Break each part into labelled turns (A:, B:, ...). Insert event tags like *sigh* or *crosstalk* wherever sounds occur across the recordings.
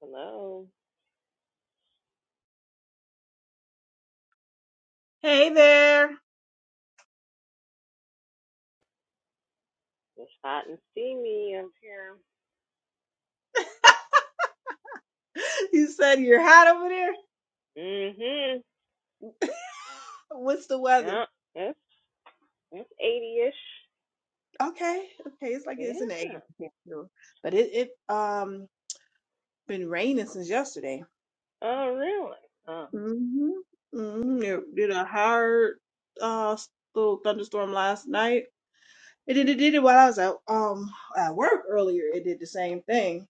A: Hello.
B: Hey there.
A: It's hot and steamy up here.
B: You said you're hot over
A: Mhm.
B: there. *laughs* What's the weather?
A: Yeah. It's it's eighty ish.
B: Okay, okay. It's like it's in the
A: Yeah.
B: 80s, here, too. but it it um been raining since yesterday.
A: Oh really? Oh.
B: Mhm. Mhm. It did a hard uh s- little thunderstorm last night. It did it did it while I was at um at work earlier. It did the same thing.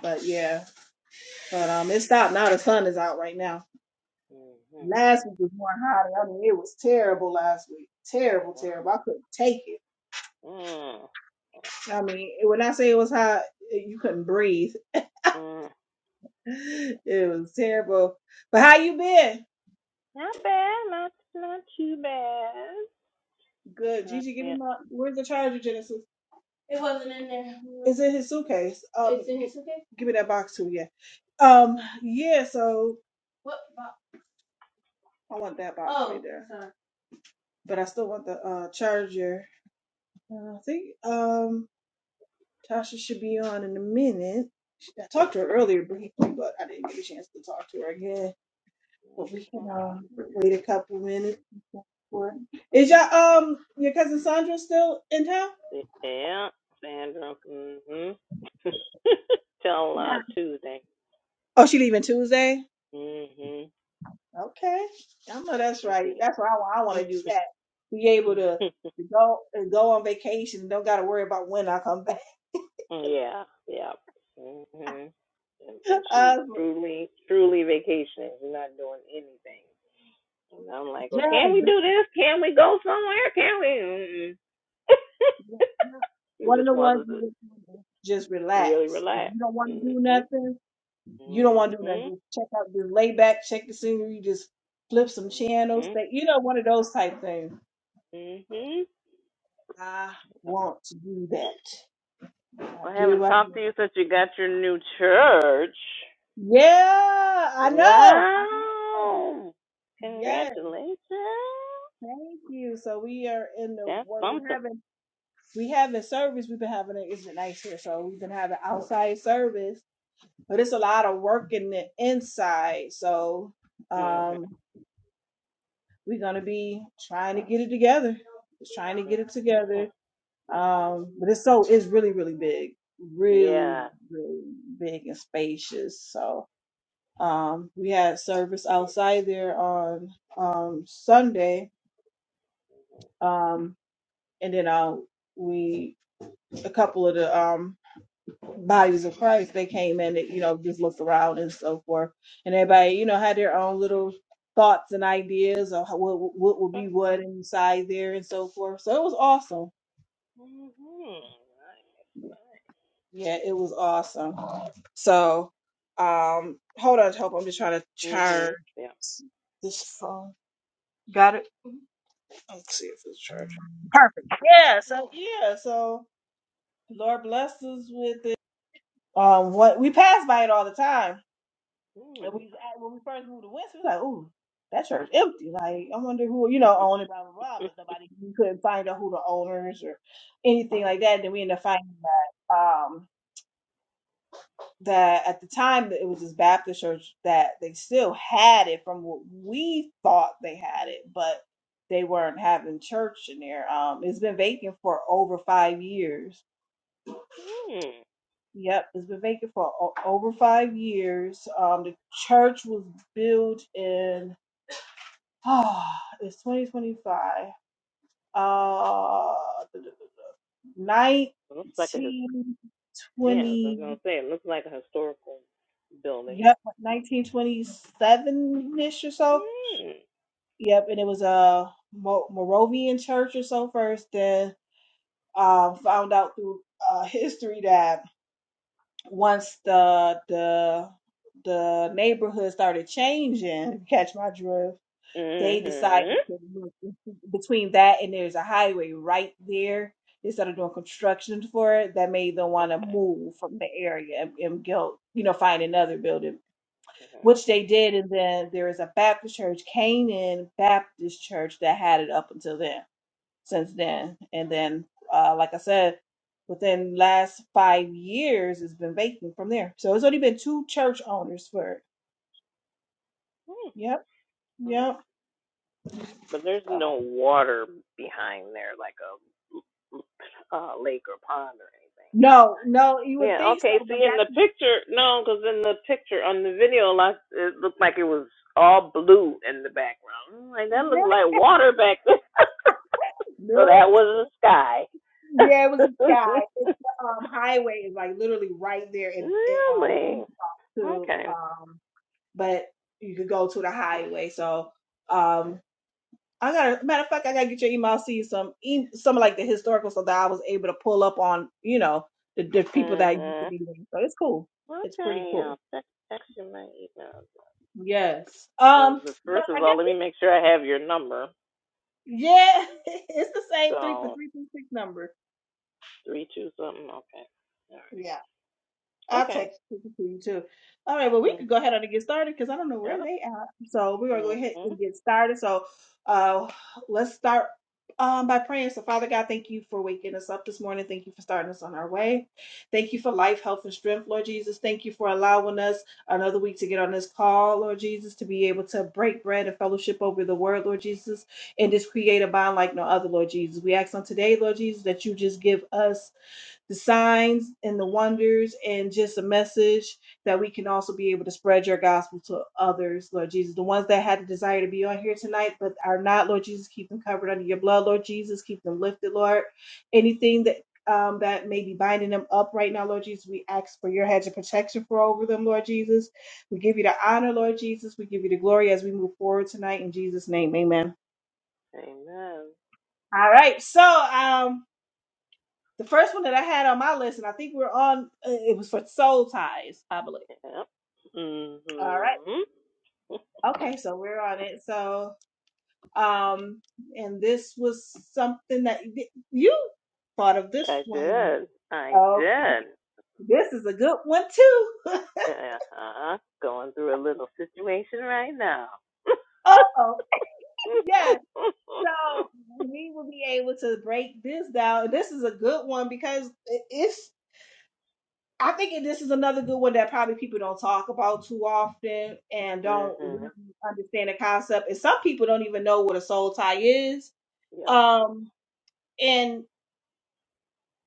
B: But yeah, but um it stopped now. The sun is out right now.
A: Mhm.
B: Last week was more hotter. I mean, it was terrible last week. Terrible, terrible. I couldn't take it.
A: Mm.
B: I mean, when I say it was hot, eh, you couldn't breathe. *laughs*
A: Mm.
B: It was terrible. But how you been?
A: Not bad. Not not too bad.
B: Good.
A: Uh,
B: Gigi, give me
A: yeah.
B: my. Where's the charger, Genesis? It wasn't in there. It's in his suitcase. Um, it's in his suitcase. Give me that box too. Yeah. Um. Yeah. So. What box? I want that box oh, right there. sorry. But I still want the uh charger. Uh, I think um Tasha should be on in a minute. She- I talked to her earlier briefly, but I didn't get a chance to talk to her again. But we can uh, wait a couple minutes. before- Is your um your cousin Sandra still in town?
A: Yeah. Sandra. Mhm. *laughs* Tell a Tuesday.
B: Oh, she leaving Tuesday.
A: Mhm.
B: Okay, I know
A: Yes
B: that's right. That's why I want. I want to do that.
A: indeed.
B: Be able to,
A: *laughs*
B: to go and go on vacation. and Don't got to worry about when I come back.
A: Yeah, yeah. hmm And,
B: *laughs*
A: and she's
B: uh,
A: truly, truly vacationing. She's not doing anything. And I'm like, well,
B: yes,
A: can we do this? Can we go somewhere? Can we?
B: yes,
A: Mm-mm.
B: yes.
A: *laughs* she
B: one of
A: just
B: the
A: wants
B: ones
A: us
B: you just
A: to
B: wanna just
A: really
B: relax. If
A: relax.
B: you don't want to do
A: hmm
B: nothing, you don't want to do nothing.
A: hmm
B: Just check out, just lay back, check the scenery, just flip some channels.
A: hmm
B: That you know, one of those type things.
A: hmm
B: I want to do that. I
A: Well, I haven't
B: do. I
A: talked
B: do.
A: to you since you got your new church.
B: Yeah, I know. I know.
A: Wow.
B: Yes.
A: Congratulations.
B: Thank you. So we are in the
A: That's
B: what we're
A: something.
B: having. We having service. We've been having it. Isn't nice here? So we've been having outside service, but it's a lot of work in the inside. So
A: Mm-hmm.
B: um, we're gonna be trying to get it together. Just trying to get it
A: Mhm.
B: together. Um, but it's so it's really really big, really
A: Yeah.
B: really big and spacious. So Um, we had service outside there on um, Sunday, um, and then uh, we a couple of the um, bodies of Christ they came in, and, you know, just looked around and so forth, and everybody you know had their own little thoughts and ideas of how- what what would be what inside there and so forth. So it was awesome.
A: Mhm.
B: Yeah, it was awesome. So um, hold on, hope I'm just trying to charge
A: Mhm. Yeah.
B: this phone. Got it. Let's see if it's charging. Perfect. Yeah. So yeah. So Lord blessed us with it. Um, what we pass by it all the time. And
A: Mhm.
B: we uh, when we first moved to Winston, we was like, ooh, that church empty. Like, I wonder who you know
A: Mhm.
B: owned it, blah blah blah. But
A: Mhm.
B: nobody we couldn't find out who the owners or anything like that. Then we ended up finding that. Um. that at the time that it was this Baptist church that they still had it from what we thought they had it, but they weren't having church in there. Um, it's been vacant for over five years.
A: *laughs*
B: Yep, it's been vacant for o- over five years. Um, the church was built in *sighs* oh, it's 2025. Uh,
A: looks like a his- yeah. I was
B: 1920.
A: gonna say it looks like a historical building.
B: Yep, 1927 ish or so
A: Mhm.
B: Yep, and it was a Mo- Moravian church or so first. Then uh, found out through uh, history that once the the the neighborhood started changing, catch my drift. They
A: Mhm.
B: decided to move between that and there's a highway right there. They started doing construction for it that made them want to
A: Okay.
B: move from the area and, and go, you know, find another building which
A: Mhm.
B: they did. And then there is a Baptist church, Canaan Baptist Church, that had it up until then, since then. And then, uh, like I said, within last five years, it's been vacant from there. So it's only been two church owners for it. Yep,
A: Mhm.
B: yep.
A: But there's
B: Oh.
A: no water behind there, like a. uh, lake or pond or anything
B: No,
A: behind it.
B: no, you would
A: Yeah.
B: think
A: Okay.
B: so, but
A: See, in
B: that's
A: the picture, no, because in the picture on the video, like it looked like it was all blue in the background. I'm like that looked
B: really
A: like water back there. *laughs* so that
B: no.
A: was the sky.
B: Yeah, it was this guy.
A: *laughs*
B: It's the um, highway is like literally right there in, in um,
A: really?
B: Wichita to
A: Okay.
B: um but you could go to the highway. So um I got a matter of fact, I gotta get your email, see some e- some of like the historical stuff that I was able to pull up on, you know, the, the people that used to
A: Mhm.
B: be there. So it's cool. It's pretty
A: Okay.
B: cool.
A: I'll text, text you my email.
B: Yes.
A: So
B: Um,
A: the
B: but
A: first
B: I
A: of all,
B: guess
A: let me make sure I have your number.
B: yeah, *laughs* it's the same three the
A: So
B: three three six number.
A: three two something. Okay. All
B: Yeah.
A: right.
B: I'll
A: Okay.
B: text it to you too. All right, well, we
A: Mm-hmm.
B: could go ahead and get started because I don't know
A: Yep.
B: where they at. So we're gonna go ahead
A: Mm-hmm.
B: and get started. So uh let's start um by praying. So Father God, thank you for waking us up this morning. Thank you for starting us on our way. Thank you for life, health, and strength, Lord Jesus. Thank you for allowing us another week to get on this call, Lord Jesus, to be able to break bread and fellowship over the word, Lord Jesus, and just create a bond like no other, Lord Jesus. We ask on today, Lord Jesus, that you just give us the signs and the wonders and just a message that we can also be able to spread your gospel to others, Lord Jesus. The ones that had the desire to be on here tonight but are not, Lord Jesus, keep them covered under your blood, Lord Jesus. Keep them lifted, Lord. Anything that um, that may be binding them up right now, Lord Jesus. We ask for your hedge of protection for over them, Lord Jesus. We give you the honor, Lord Jesus. We give you the glory as we move forward tonight in Jesus' name. Amen.
A: Amen.
B: All right. So um the first one that I had on my list, and I think we're on. uh, It was for soul ties, I believe.
A: Yep.
B: All right.
A: Mm-hmm.
B: Okay, so we're on it. So, um, and this was something that y- you thought of
A: *laughs*
B: this
A: I
B: one.
A: did. I
B: Oh,
A: did.
B: this is a good one too. *laughs*
A: Uh-huh. Going through a little situation right now.
B: oh, yes. So
A: *laughs*
B: we will be able to break this down. This is a good one because it is. I think this is another good one that probably people don't talk about too often and don't
A: mm-hmm.
B: really understand the concept. And some people don't even know what a soul tie is.
A: Yep.
B: Um, and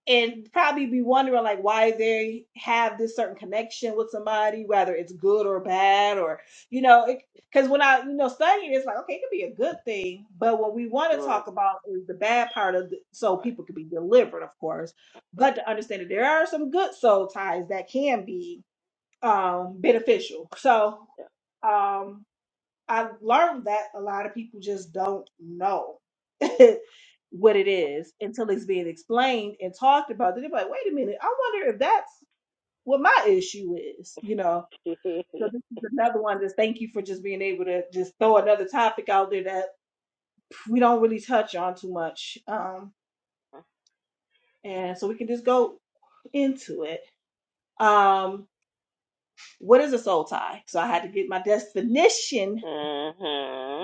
B: and probably be wondering like why they have this certain connection with somebody, whether it's good or bad, or you know, because when I you know study it, it's like okay, it could be a good thing, but what we want to
A: Right.
B: talk about is the bad part of the, so
A: Right.
B: people could be delivered, of course, but to understand that there are some good soul ties that can be um, beneficial. So
A: Yep.
B: um, I learned that a lot of people just don't know *laughs* what it is until it's being explained and talked about. Then they're like, wait a minute, I wonder if that's what my issue is, you know. So
A: *laughs*
B: this is another one Just thank you for just being able to just throw another topic out there that we don't really touch on too much. Um, and so we can just go into it. Um, what is a soul tie? So I had to get my definition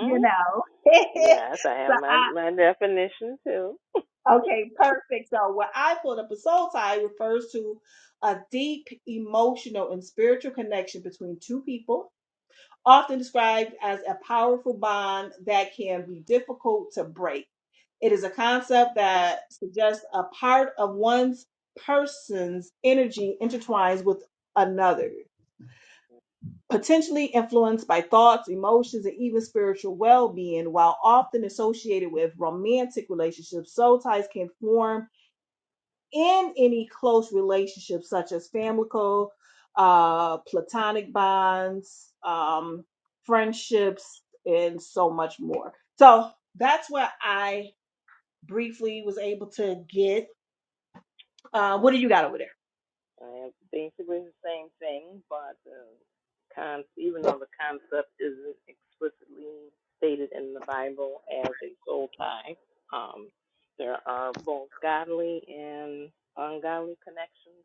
B: you know. *laughs*
A: Yes, I
B: so
A: have my,
B: I
A: my definition too. *laughs*
B: okay, perfect. So what I pulled up a soul tie refers to a deep emotional and spiritual connection between two people, often described as a powerful bond that can be difficult to break. It is a concept that suggests a part of one's person's energy intertwines with another. potentially influenced by thoughts, emotions, and even spiritual well being, while often associated with romantic relationships. Soul ties can form in any close relationships, such as familial, uh, platonic bonds, um, friendships, and so much more. So that's what I briefly was able to get. Uh,
A: mm-hmm.
B: what do you got over there?
A: I am basically the same thing, but uh, con- even though the concept isn't explicitly stated in the Bible as a soul tie, um, there are both godly and ungodly connections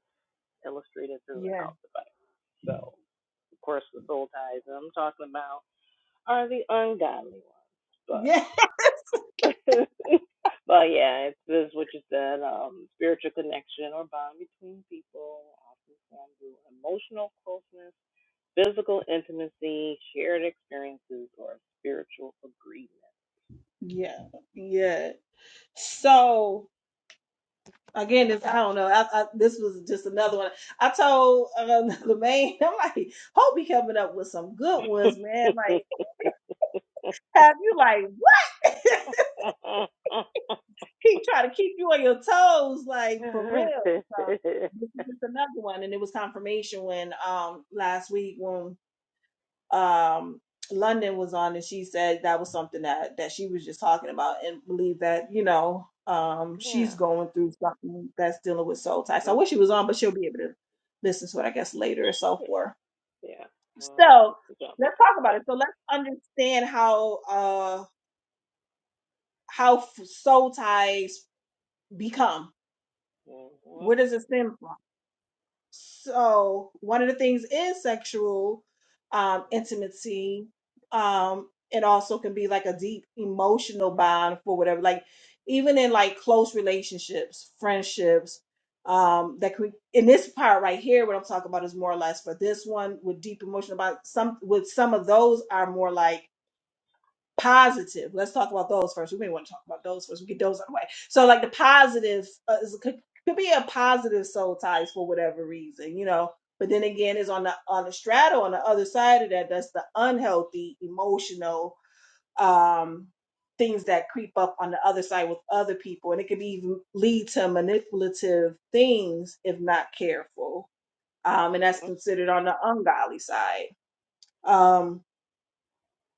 A: illustrated
B: Yeah.
A: throughout the Bible. So, of course, the soul ties that I'm talking about are the ungodly ones, but.
B: *laughs*
A: *laughs* but yeah, it's this is what you said. Um, spiritual connection or bond between people, often formed through emotional closeness, physical intimacy, shared experiences, or spiritual agreement.
B: Yeah, yeah, yeah. So. again, this I don't know. I, I, this was just another one. I told um, *laughs* the man, I'm like, hope he coming up with some good ones, man. Like, have you like what? *laughs* he trying to keep you on your toes, like for real.
A: *laughs*
B: So this is just another one, and it was confirmation when um last week when um London was on and she said that was something that that she was just talking about and believe that, you know, um she's
A: yeah.
B: going through something that's dealing with soul ties. So I
A: Hmm?
B: wish she was on, but she'll be able to listen to it, I guess, later or so
A: Yeah.
B: forth.
A: Yeah. Well, I hope she
B: So
A: can jump
B: let's
A: on,
B: talk about
A: but.
B: it. So let's understand how uh how f- soul ties become.
A: Mhm,
B: Where
A: mhm,
B: does it stem from? So one of the things is sexual um, intimacy. Um, it also can be like a deep emotional bond for whatever. Like even in like close relationships, friendships, um, that could in this part right here, what I'm talking about is more or less for this one with deep emotional bond. Some with some of those are more like positive. Let's talk about those first. We may want to talk about those first. We get those out of the way. So, like the positive uh, is, could, could be a positive soul ties for whatever reason, you know. But then again, is on the on the straddle on the other side of that. That's the unhealthy emotional um, things that creep up on the other side with other people, and it could be even lead to manipulative things if not careful. Um, and that's considered on the ungodly side. Um.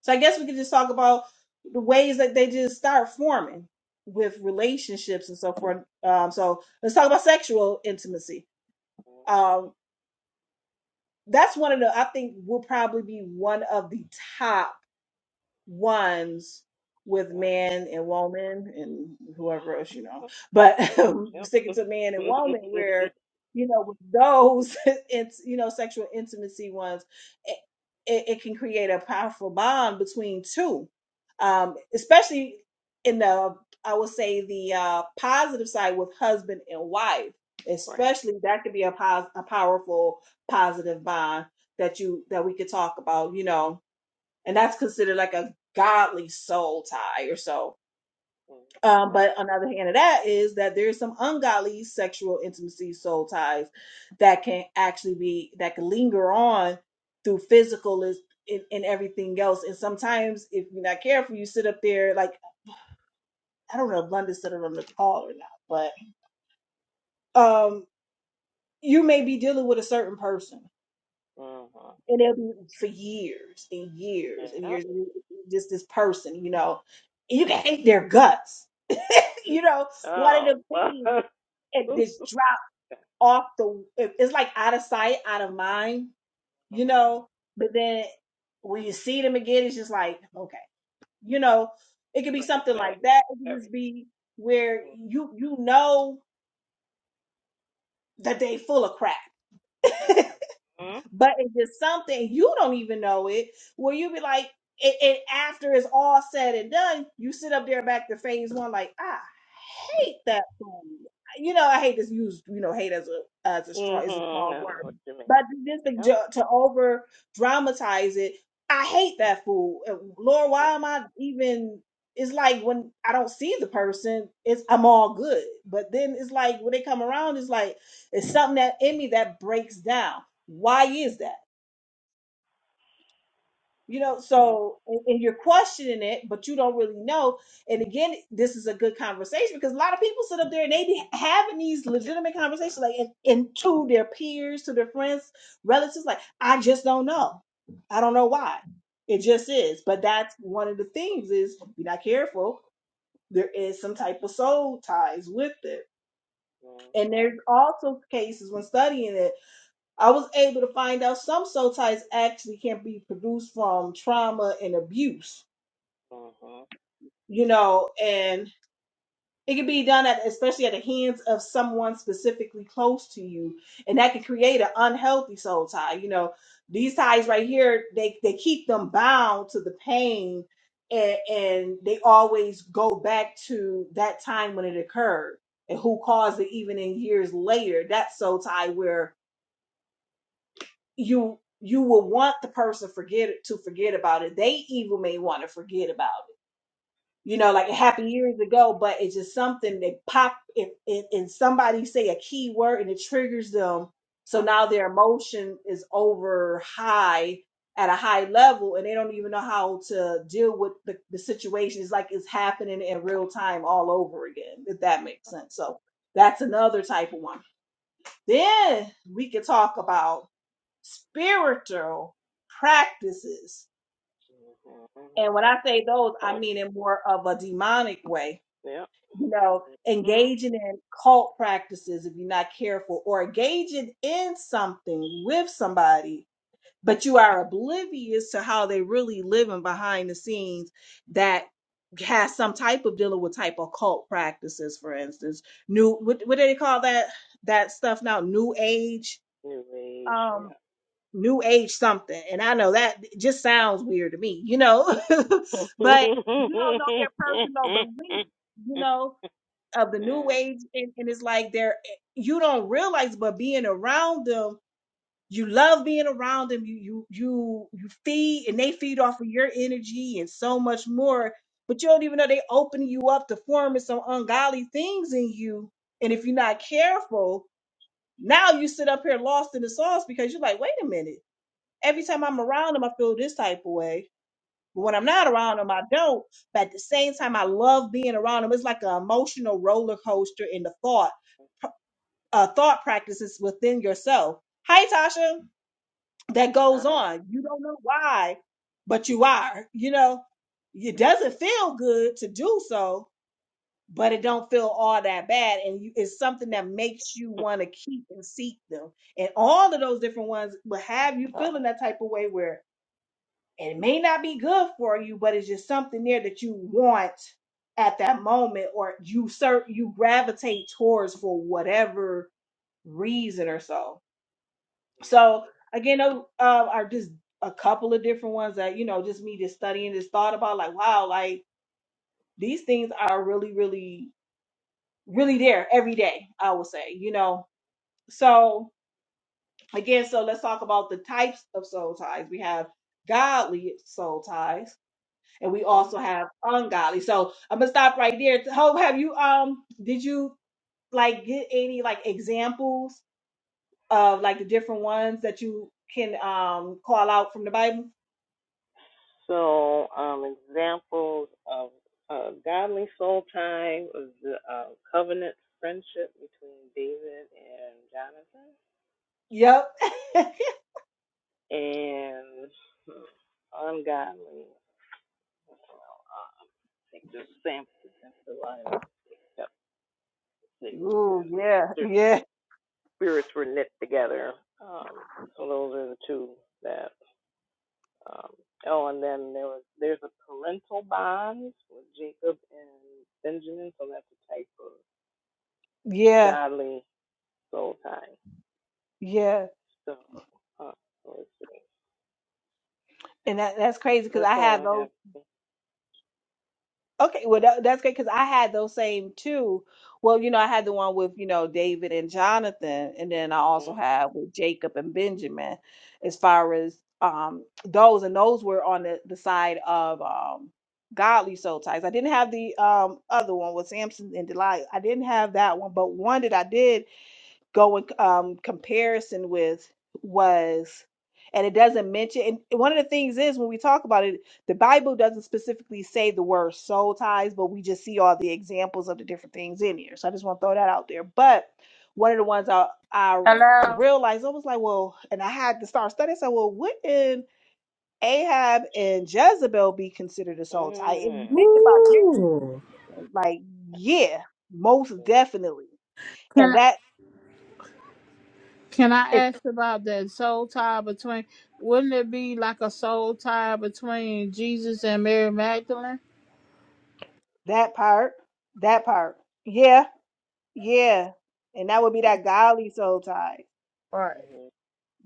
B: So I guess we could just talk about the ways that they just start forming with relationships and so forth. Um, so let's talk about sexual intimacy.
A: mhm.
B: Um, that's one of the I think will probably be one of the top ones with
A: Yep.
B: man and woman and whoever else you know but *laughs*
A: Yep.
B: sticking to man and woman where you know with those *laughs* it's you know sexual intimacy ones it, it, it can create a powerful bond between two um especially in the i would say the uh positive side with husband and wife
A: *laughs* right.
B: especially that could be a pos- a powerful positive bond that you that we could talk about you know and that's considered like a godly soul tie or so. Um,
A: Mhm,
B: but another hand of that is that there's some ungodly sexual intimacy soul ties that can actually be that can linger on through physical is and, and everything else. And sometimes if you're not careful, you sit up there like I don't know if London sit up on the call or not, but um you may be dealing with a certain person
A: mhm.
B: and it'll be for years and years and
A: Yeah.
B: years and just this person, you know. You can hate their guts you know, one of
A: Oh,
B: the
A: well, *laughs*
B: things
A: that
B: it
A: mm,
B: just drop off the it- it's like out of sight, out of mind, you know. But then when you see them again, it's just like, okay, you know, it could be
A: brings
B: something
A: back
B: like that. It could
A: everything.
B: just be where you you know that they full of crap. *laughs*
A: Mm-hmm.
B: but if it's just something you don't even know it, where you be like, and, and after it's all said and done, you sit up there back to phase one, like, I hate that song. You know, I hate this use. you know, hate as a as a strong
A: Mm-hmm.
B: is a strong
A: I know what
B: word.
A: you mean.
B: But just to,
A: Yep.
B: ju- to over dramatize it, I hate that fool. Uh, Lord, why am I even it's like when I don't see the person, it's I'm all good. But then it's like when they come around, it's like it's something that in me that breaks down why is that you know
A: Mm-hmm.
B: so and, and you're questioning it but you don't really know and again this is a good conversation because a lot of people sit up there and they be having these legitimate conversations like and, and to their peers to their friends relatives like i just don't know i don't know why it just is but that's one of the things is be not careful there is some type of soul ties with it and
A: Mm-hmm.
B: there's also cases when studying it I was able to find out some soul ties actually can be produced from trauma and abuse,
A: Mm-hmm.
B: you know, and it can be done at especially at the hands of someone specifically close to you, and that can create an unhealthy soul tie. You know, these ties right here, they they keep them bound to the pain, and and they always go back to that time when it occurred and who caused it, even in years later. That soul tie where you you will want the person forget it to forget about it. They even may want to forget about it. You know, like it happened years ago, but it's just something that pop if and, and somebody say a key word and it triggers them. So now their emotion is over high at a high level and they don't even know how to deal with the, the situation. It's like it's happening in real time all over again, if that makes sense. So that's another type of one. Then we could talk about spiritual practices.
A: Mm-hmm.
B: And when I say those, I
A: Hope.
B: mean in more of a demonic way,
A: Yep.
B: you know,
A: Mm-hmm.
B: engaging in cult practices if you're not careful, or engaging in something with somebody, but you are oblivious to how they really living behind the scenes that has some type of dealing with type of cult practices, for instance. New what what do they call that that stuff now? New age.
A: New age.
B: Um
A: Yeah.
B: new age something and i know that just sounds weird to me you know *laughs*
A: *laughs*
B: but you don't know
A: mm-hmm.
B: their personal belief you know of the new age and, and it's like they're eh, you don't realize but being around them you love being around them you you you you feed and they feed off of your energy and so much more but you don't even know they open you up to forming some ungodly things in you and if you're not careful now you sit up here lost in the sauce because you're like wait a minute every time I'm around him, I feel this type of way. But when I'm not around him, I don't. But at the same time, I love being around him. It's like an emotional roller coaster in the thought, uh, thought practices within yourself. Hi, Tasha. That
A: I
B: goes
A: am.
B: on. You don't know why, but you are. You know, it doesn't feel good to do so, but it don't feel all that bad. And you, it's something that makes you want to keep and seek them. And all of those different ones will have you feeling that type of way where And it may not be good for you, but it's just something there that you want at that moment or you ser- you gravitate towards for whatever reason or so. So again, those uh, are just a couple of different ones that, you know, just me just studying this thought about like, wow, like these things are really, really, really there every day, I would say, you know. So again, so let's talk about the types of soul ties. We have godly soul ties and we
A: Mm-hmm.
B: also have ungodly. So I'm gonna stop right there. Hope have you um did you like get any like examples of like the different ones that you can um call out from the Bible?
A: So, um, examples of uh, godly soul time was the uh, covenant friendship between David and Jonathan,
B: Yep. *laughs*
A: and hmm, ungodly. Uh, I think the Samson and Delilah, except they were kind
B: Ooh,
A: of
B: yeah,
A: their
B: yeah,
A: spirits were knit together. Um, so those are the two that. Um, oh, and then there was there's a parental bonds with Jacob and Benjamin, so that's a type of
B: yeah,
A: godly soul ties.
B: yeah.
A: So, uh, let's see.
B: And that that's crazy because
A: That's
B: I
A: all
B: have
A: I
B: those.
A: have.
B: Okay, well that, that's great because I had those same two. Well, you know, I had the one with you know David and Jonathan, and then I also
A: Mm-hmm.
B: had with Jacob and Benjamin, as far as um those, and those were on the, the side of um godly soul ties. I didn't have the um other one with Samson and Delilah. I didn't have that one, but one that I did go in um, comparison with was and it doesn't mention and one of the things is when we talk about it the bible doesn't specifically say the word soul ties but we just see all the examples of the different things in here so i just want to throw that out there but one of the ones i i
C: Hello.
B: realized i was like well and i had to start studying so well wouldn't ahab and jezebel be considered a soul tie if you think about
C: Ooh.
B: this like yeah most definitely and
C: Can
B: that
C: can I ask about that soul tie between? Wouldn't it be like a soul tie between Jesus and Mary Magdalene?
B: That part. That part. Yeah. Yeah. And that would be that godly soul tie.
C: Right.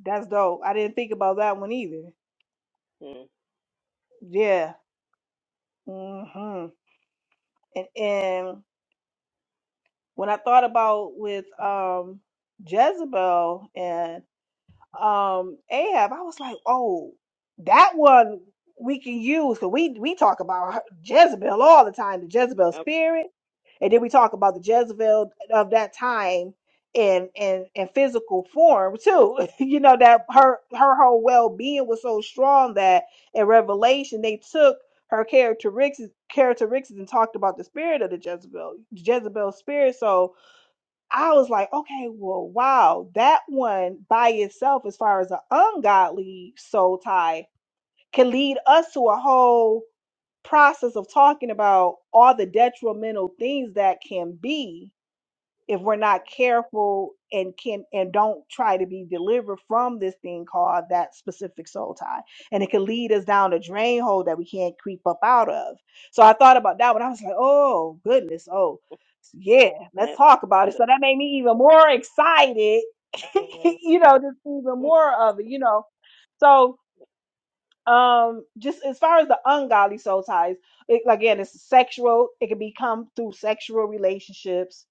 B: That's dope. I didn't think about that one either.
A: Mm-hmm.
B: Yeah. hmm And and when I thought about with um Jezebel and um Ahab, I was like, oh, that one we can use because we we talk about her- Jezebel all the time, the Jezebel
A: Yep.
B: spirit. And then we talk about the Jezebel of that time in in in physical form too. *laughs* you know that her her whole well being was so strong that in Revelation they took her characteristics characteristics and talked about the spirit of the Jezebel Jezebel spirit. So I was like, okay, well, wow, that one by itself, as far as an ungodly soul tie, can lead us to a whole process of talking about all the detrimental things that can be if we're not
A: Mhm.
B: careful and can and don't try to be delivered from this thing called that specific soul tie and it can lead us down a drain hole that we can't creep up out of so i thought about that when i was like oh goodness oh yeah let's
A: That's
B: talk about it
A: the.
B: so that made me even more excited *laughs*
A: Mm-hmm.
B: you know just even more of it you know so um just as far as the ungodly soul ties it, again it's sexual it can become through sexual relationships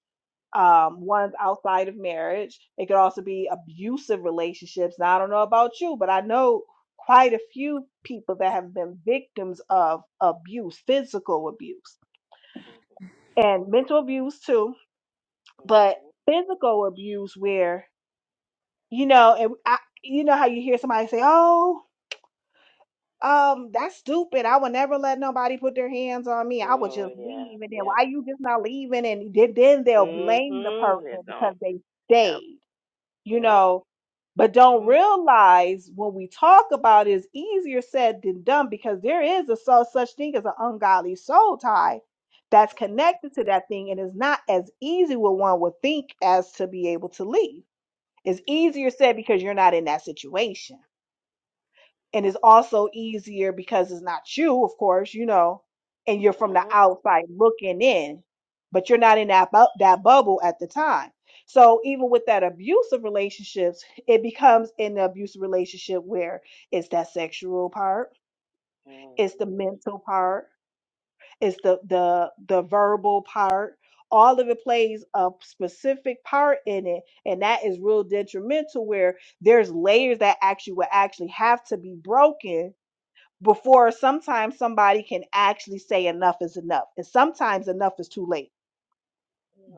B: um ones outside of marriage it could also be abusive relationships now i don't know about you but i know quite a few people that have been victims of abuse physical abuse and mental abuse too but physical abuse where you know and I, you know how you hear somebody say oh Um, that's stupid. I would never let nobody put their hands on me. I would
A: Oh
B: just
A: yeah.
B: leave. And then
A: Yep.
B: why you just not leaving? And then then they'll blame the
A: Mm-hmm. They
B: person because
A: don't.
B: they
A: Yep.
B: stayed, you
A: Yep.
B: know. But don't
A: Mm-hmm.
B: realize when we talk about it, it's easier said than done because there is a so, such thing as an ungodly soul tie that's connected to that thing and it's not as easy what one would think as to be able to leave. It's easier said because you're not in that situation and it's also easier because it's not you, of course, you know, and you're from the
A: Oh.
B: outside looking in, but you're not in that bu- that bubble at the time. So even with that abusive relationships, it becomes an abusive relationship where it's that sexual part,
A: Mm-hmm.
B: it's the mental part, it's the the the verbal part. All of it plays a specific part in it, and that is real detrimental. Where there's layers that actually will actually have to be broken before sometimes somebody can actually say enough is enough. And sometimes enough is too late.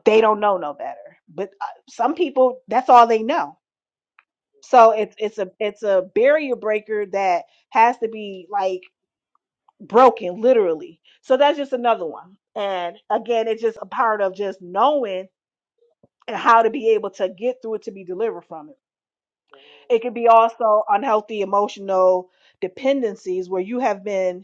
B: They don't know no better. But uh, some people, that's all they know. So it's it's a it's a barrier breaker that has to be like broken literally. So that's just another one. And again, it's just a part of just knowing and how to be able to get through it to be delivered from it. It could be also unhealthy emotional dependencies where you have been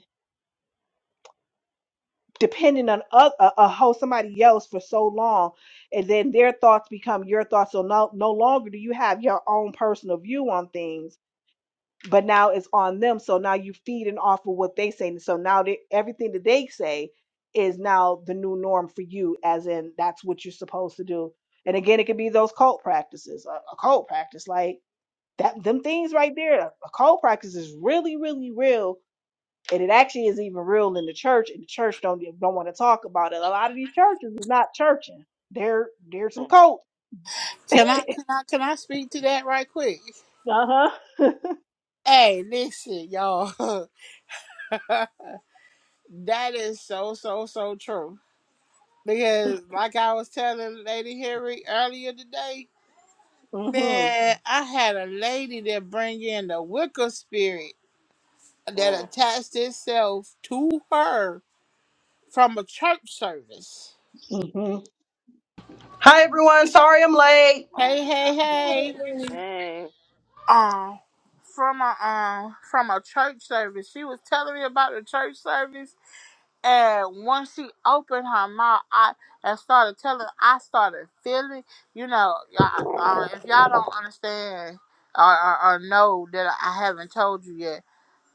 B: depending on a, a, a whole somebody else for so long and then their thoughts become your thoughts so no, no longer do you have your own personal view on things but now it's on them so now you feeding off of what they say so now they, everything that they say is now the new norm for you as in that's what you're supposed to do and again it could be those cult practices a, a cult practice like that them things right there a cult practice is really really real and it actually is even real in the church and the church don't e- don't want to talk about it a lot of these churches is not churching they're they're some cults
C: Can I can I can I speak to that right quick?
B: uh-huh *laughs*
C: Hey, listen, y'all. *laughs* that is so so so true. Because like I was telling Lady Harry earlier today,
B: mhm
C: man, I had a lady that bring in the Wicca spirit that attached itself to her. from a church service.
B: mhm
D: Hi everyone, sorry I'm late.
C: Hey, hey, hey.
A: Hey.
C: Um, from a um from a church service. She was telling me about the church service, and once she opened her mouth, I and started telling. I started feeling. You know, y'all, uh, uh, if y'all don't understand or, or, or know that I haven't told you yet,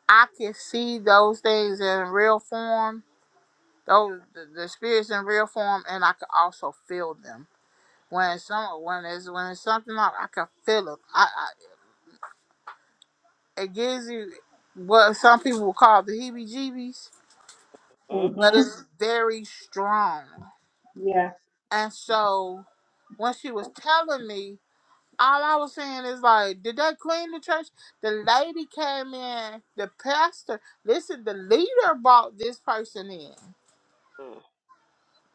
C: I can see those things in real form. Those the, the spirits in real form, and I can also feel them when some when it's when it's something like I can feel it. I, I it gives you what some people will call the heebie-jeebies,
A: Mm-hmm.
C: but
B: mhm
C: it's very strong.
B: yeah
C: And so when she was telling me, all I was saying is like, did they clean the church? The lady came in, the pastor. Listen, the leader brought this person in.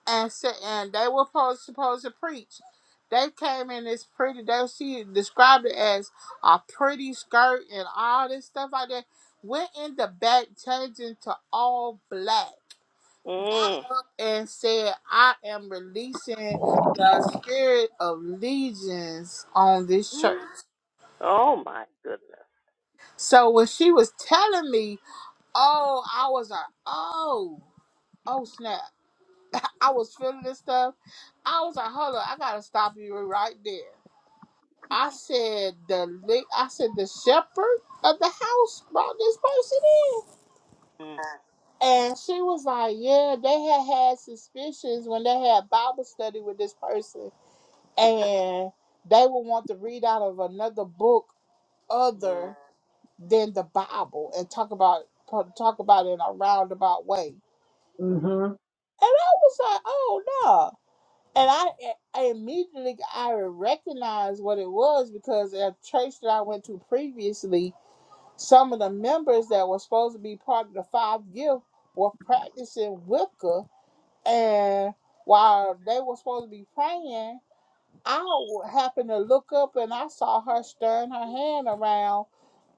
C: and said, and they were supposed, supposed to preach. They came in this pretty. They she described it as a pretty skirt and all this stuff like that. Went in the back, changing to all black,
A: Mm.
C: got up and said, "I am releasing the spirit of legions on this church."
A: *gasps* Oh my goodness.
C: So when she was telling me, "Oh," I was like, "Oh, oh snap!" I was feeling this stuff. I was like, "Hold up, I gotta stop you right there." I said the la- I said the shepherd of the house brought this person in, and she was like, "Yeah, they had had suspicions when they had Bible study with this person, and they would want to read out of another book other than the Bible and talk about talk about it in a roundabout way." And
A: Mm-hmm.
B: mhm
C: I was like, "Oh no!" And I, I immediately I recognized what it was because at a church that I went to previously, Some of the members that were supposed to be part of the five gift were practicing Wicca, and while they were supposed to be praying, I w- happened to look up and I saw her stirring her hand around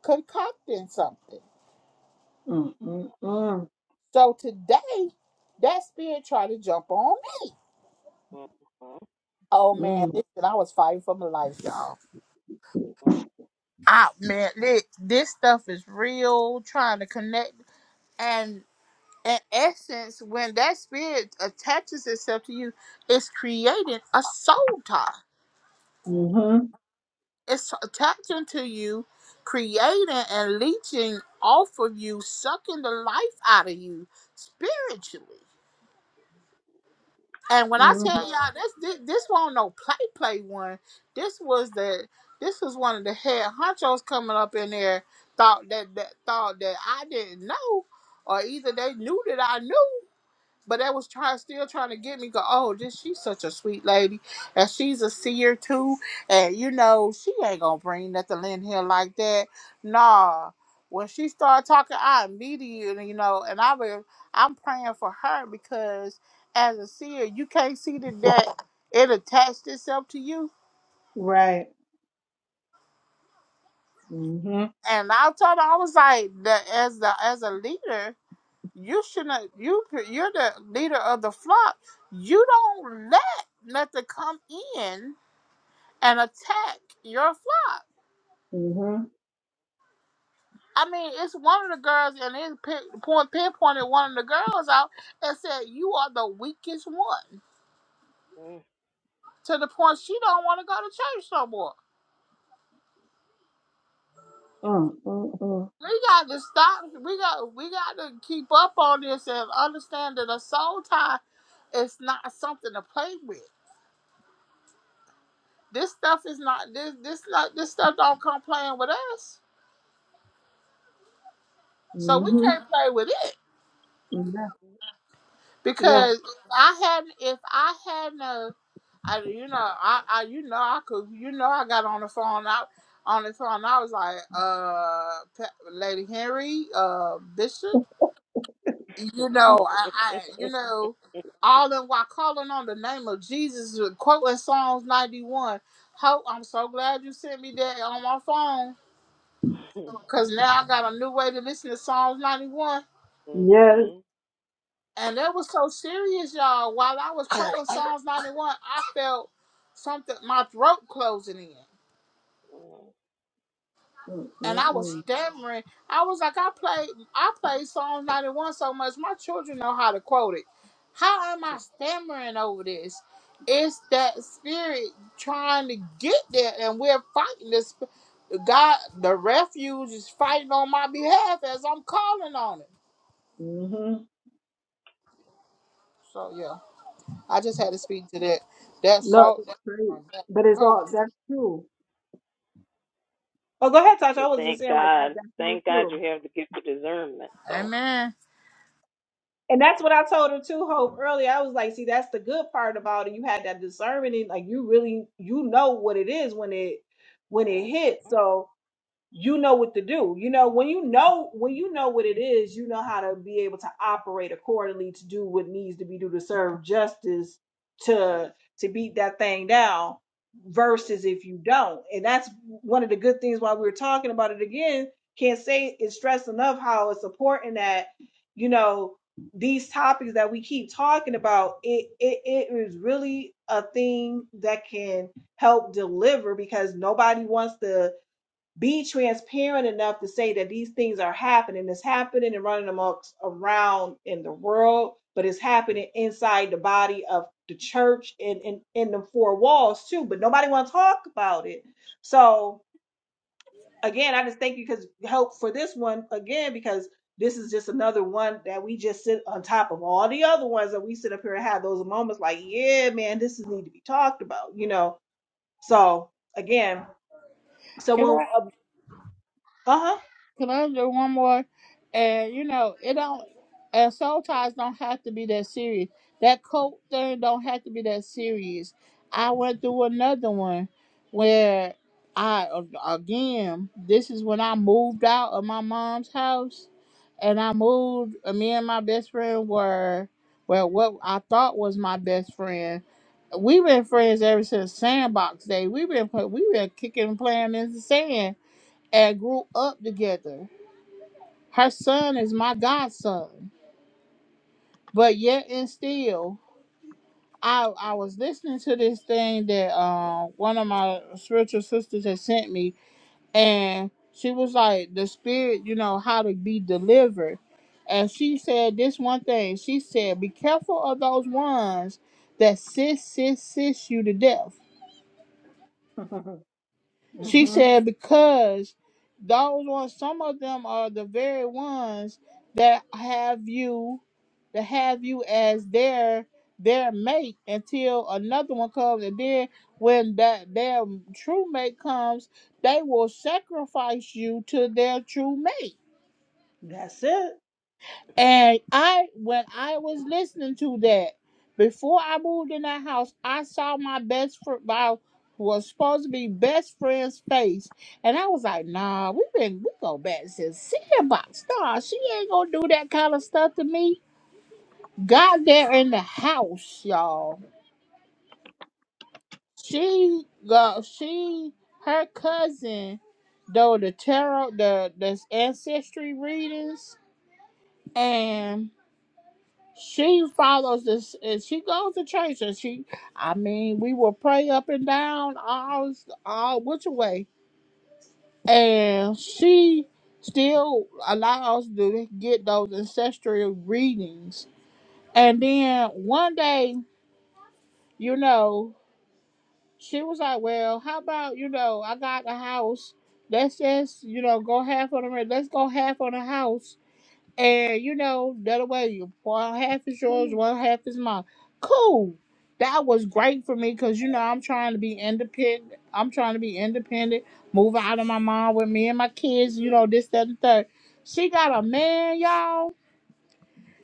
C: concocting something.
B: mhm mhm
C: So today, that spirit tried to jump on me. Oh man,
B: mhm
C: listen, I was fighting for my life, y'all. I man, li- this stuff is real. Trying to connect, and in essence, when that spirit attaches itself to you, it's creating a soul tie.
B: mhm
A: hmm
C: It's attaching to you, creating and leeching off of you, sucking the life out of you spiritually. And when I
B: mhm.
C: tell y'all this, this, this wasn't no play play one. This was the this was one of the head honchos coming up in there thought that, that thought that I didn't know, or either they knew that I knew. But that was trying, still trying to get me. Go, oh, this she's such a sweet lady, and she's a seer too. And you know, she ain't gonna bring nothing in here like that. Nah. When she started talking, I immediately, you know, and I was, I'm praying for her because as a seer, you can't see the that it attached itself to you.
B: right mhm
C: And I told her, I was like, the, as the as a leader. You shouldn't. You you're the leader of the flock. You don't let nothing come in and attack your flock.
B: mhm
C: I mean, it's one of the girls, and it pin- point pinpointed one of the girls out and said, "You are the weakest one." To the point she don't want to go to church no more.
B: mhm
C: We got to stop. We got we got to keep up on this and understand that a soul tie is not something to play with. This stuff is not this this not this stuff don't come playing with us So we
B: mhm mhm
C: can't play with it
B: yeah yeah
C: because if I had if I had no, I, you know, I, I you know I could you know I got on the phone I on the phone I was like uh Pe- Lady Henry uh Bishop you know I, I you know all in while calling on the name of Jesus uh, quoting Psalms ninety one. Hope I'm so glad you sent me that on my phone
A: *laughs*
C: because now I got a new way to listen to Psalms 91
B: yes
C: And that was so serious, y'all. While I was praying Psalms 91, I felt something, my throat closing in.
B: mhm
C: And I was
B: mhm
C: stammering. I was like, I played, I played Psalms 91 so much, my children know how to quote it. How am I stammering over this? It's that spirit trying to get there, and we're fighting this. God, the refuge is fighting on my behalf as I'm calling on it.
B: mhm.
C: So yeah, I just had to speak to that. That
B: no
C: salt,
B: it's great
C: that,
B: but it's
C: that
B: all that's true Oh, go ahead, Tasha. I
A: But
B: was
A: thank
B: just saying like that.
A: God,
B: That's so
A: thank God
B: true.
A: you have the gift of discernment. So,
C: Amen.
B: And that's what I told her too, Hope. Earlier, I was like, see, that's the good part about it. You had that discernment, and like you really, you know what it is when it when it hits. So you know what to do. You know, when you know when you know what it is, you know how to be able to operate accordingly to do what needs to be do to serve justice to to beat that thing down versus if you don't. And that's one of the good things why we were talking about it again. Can't say it's stress enough how it's important that, you know, these topics that we keep talking about, it it, it is really a thing that can help deliver because nobody wants to be transparent enough to say that these things are happening. It's happening and running amongst around in the world, but it's happening inside the body of the church and in, in the four walls too. But nobody wants to talk about it. So again, I just thank you because help for this one again because this is just another one that we just sit on top of all the other ones that we sit up here and have those moments like, yeah, man, this is need to be talked about, you know. So again,
C: Can
B: someone,
C: I
B: uh
C: can I do one more? And you know, it don't and soul ties don't have to be that serious. That cult thing don't have to be that serious. I went through another one where I again, this is when I moved out of my mom's house and I moved and me and my best friend were well what I thought was my best friend. We've been friends ever since sandbox day. We've been we have been kicking and playing in the sand and grew up together. Her son is my godson. But yet and still, I I was listening to this thing that uh, one of my spiritual sisters had sent me, and she was like, the spirit, you know, how to be delivered. And she said this one thing. She said, be careful of those ones that sis, sis, sis you to death.
B: huh. *laughs*
C: She
A: Mm-hmm.
B: hmm
C: said, because those ones, some of them are the very ones that have you, that have you as their their mate until another one comes, and then when that their true mate comes, they will sacrifice you to their true mate.
B: That's it.
C: And I, when I was listening to that, before I moved in that house, I saw my best friend, my was supposed to be best friend's face, and I was like, "Nah, we been we go back since Sandbox. Nah, she ain't gonna do that kind of stuff to me." Got there in the house, y'all. She got she her cousin, though the tarot the the ancestry readings, and. she follows this and she goes to church and she I mean we will pray up and down all all which way and she still allows to get those ancestral readings and then one day you know she was like well how about you know I got a house let's just you know go half on the rent let's go half on the house And you know, the other way, you well, half is yours, well, half is mine. Cool. That was great for me because you know I'm trying to be independent. I'm trying to be independent, move out of my mom with me and my kids. You know this, that, and third. She got a man, y'all.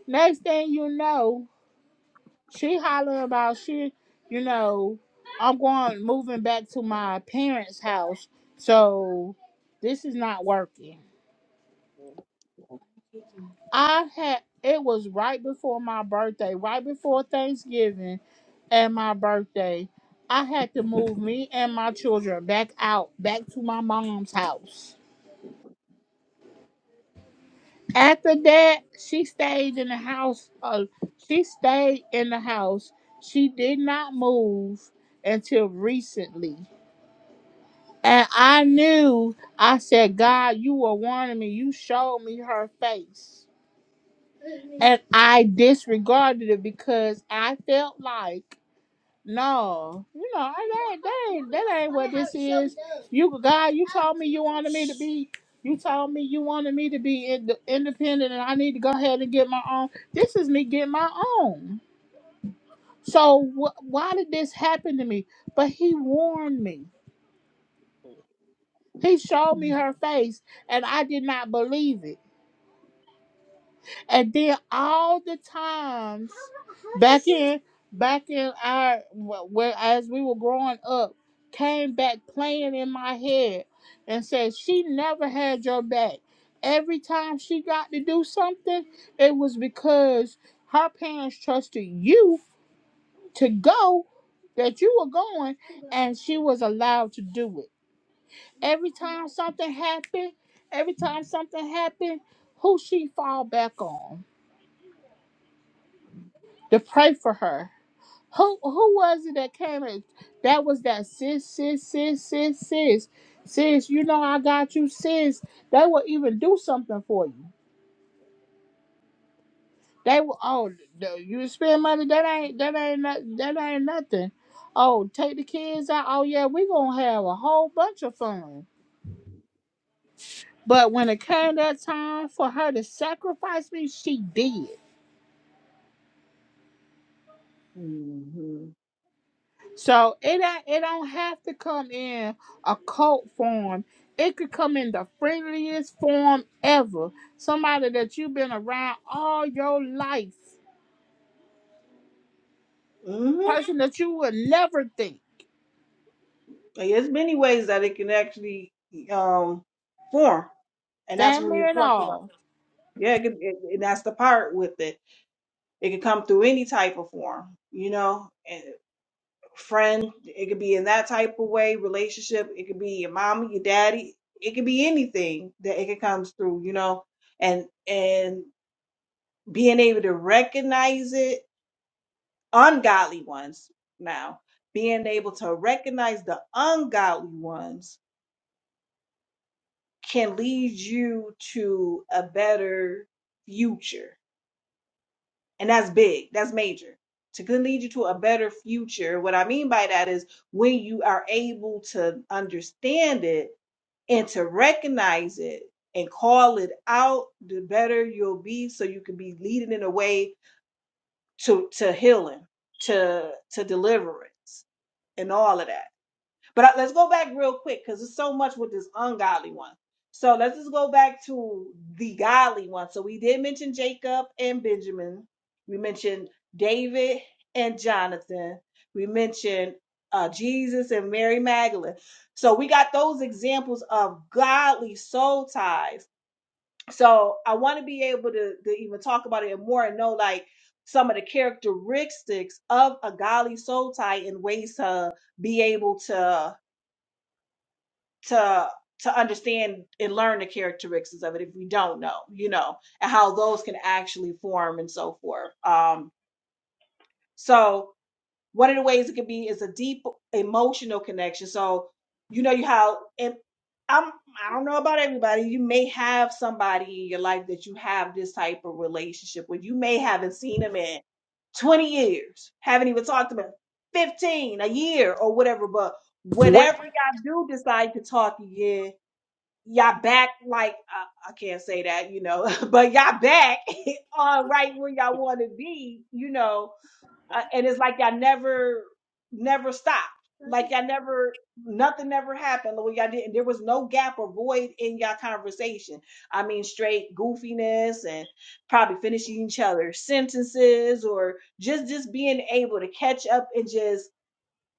C: Next thing you know, she holler about she. You know, I'm going moving back to my parents' house, so this is not working. I had it was right before my birthday, right before Thanksgiving and my birthday. I had to move me and my children back out, back to my mom's house. After that, she stayed in the house. Uh, she stayed in the house. She did not move until recently. And I knew, I said, God, you were warning me. You showed me her face. And I disregarded it because I felt like, no, you know, I, that, that, ain't, that ain't what this is. You God, you told me you wanted me to be, you told me you wanted me to be ind- independent, and I need to go ahead and get my own. This is me getting my own. So wh- why did this happen to me? But He warned me. He showed me her face, and I did not believe it. And then all the times back in back in our wh- where as we were growing up came back playing in my head and said she never had your back. Every time she got to do something, it was because her parents trusted you to go that you were going and she was allowed to do it. Every time something happened, every time something happened, who she fall back on? to pray for her. Who who was it that came and that was that sis, sis, sis, sis, sis. Sis, you know I got you, sis. They will even do something for you. They will oh the- you spend money, that ain't that ain't not, that ain't nothing. Oh, take the kids out. Oh yeah, we gonna have a whole bunch of fun. But when it came that time for her to sacrifice me, she did.
B: hmm
C: So it do it don't have to come in a cult form. It could come in the friendliest form ever. Somebody that you've been around all your life,
B: hmm
C: person that you would never think,
B: There's many ways that it can actually um form, and that's what
C: family
B: we
C: and
B: were talking about.
C: all.
B: Yeah, it can, it, and that's the part with it. It can come through any type of form, you know. friend. It could be in that type of way, relationship. It could be your mama, your daddy. It could be anything that it could comes through, you know, and and being able to recognize it, ungodly ones now, being able to recognize the ungodly ones can lead you to a better future. And that's big. That's major. To can lead you to a better future. What I mean by that is when you are able to understand it and to recognize it and call it out, the better you'll be so you can be leading in a way to to healing, to to deliverance and all of that. But I, let's go back real quick because there's so much with this ungodly one. So let's just go back to the godly one. So we did mention Jacob and Benjamin. We mentioned David and Jonathan. We mentioned uh, Jesus and Mary Magdalene. So we got those examples of godly soul ties. So I want to be able to, to even talk about it more and know like some of the characteristics of a godly soul tie and ways to be able to to to understand and learn the characteristics of it if we don't know, you know, and how those can actually form and so forth. Um, so one of the ways it can be is a deep emotional connection. So you know you how and I'm I don't know about everybody. You may have somebody in your life that you have this type of relationship with. You may haven't seen them in 20 years, haven't even talked to them in 15, a year or whatever, but whenever y'all do decide to talk again y'all back like uh, I can't say that, you know, *laughs* but y'all back *laughs* uh, right where y'all want to be, you know, uh, and it's like y'all never, never stopped, like y'all never, nothing never happened, or y'all didn't. There was no gap or void in y'all conversation. I mean, straight goofiness and probably finishing each other's sentences, or just just being able to catch up and just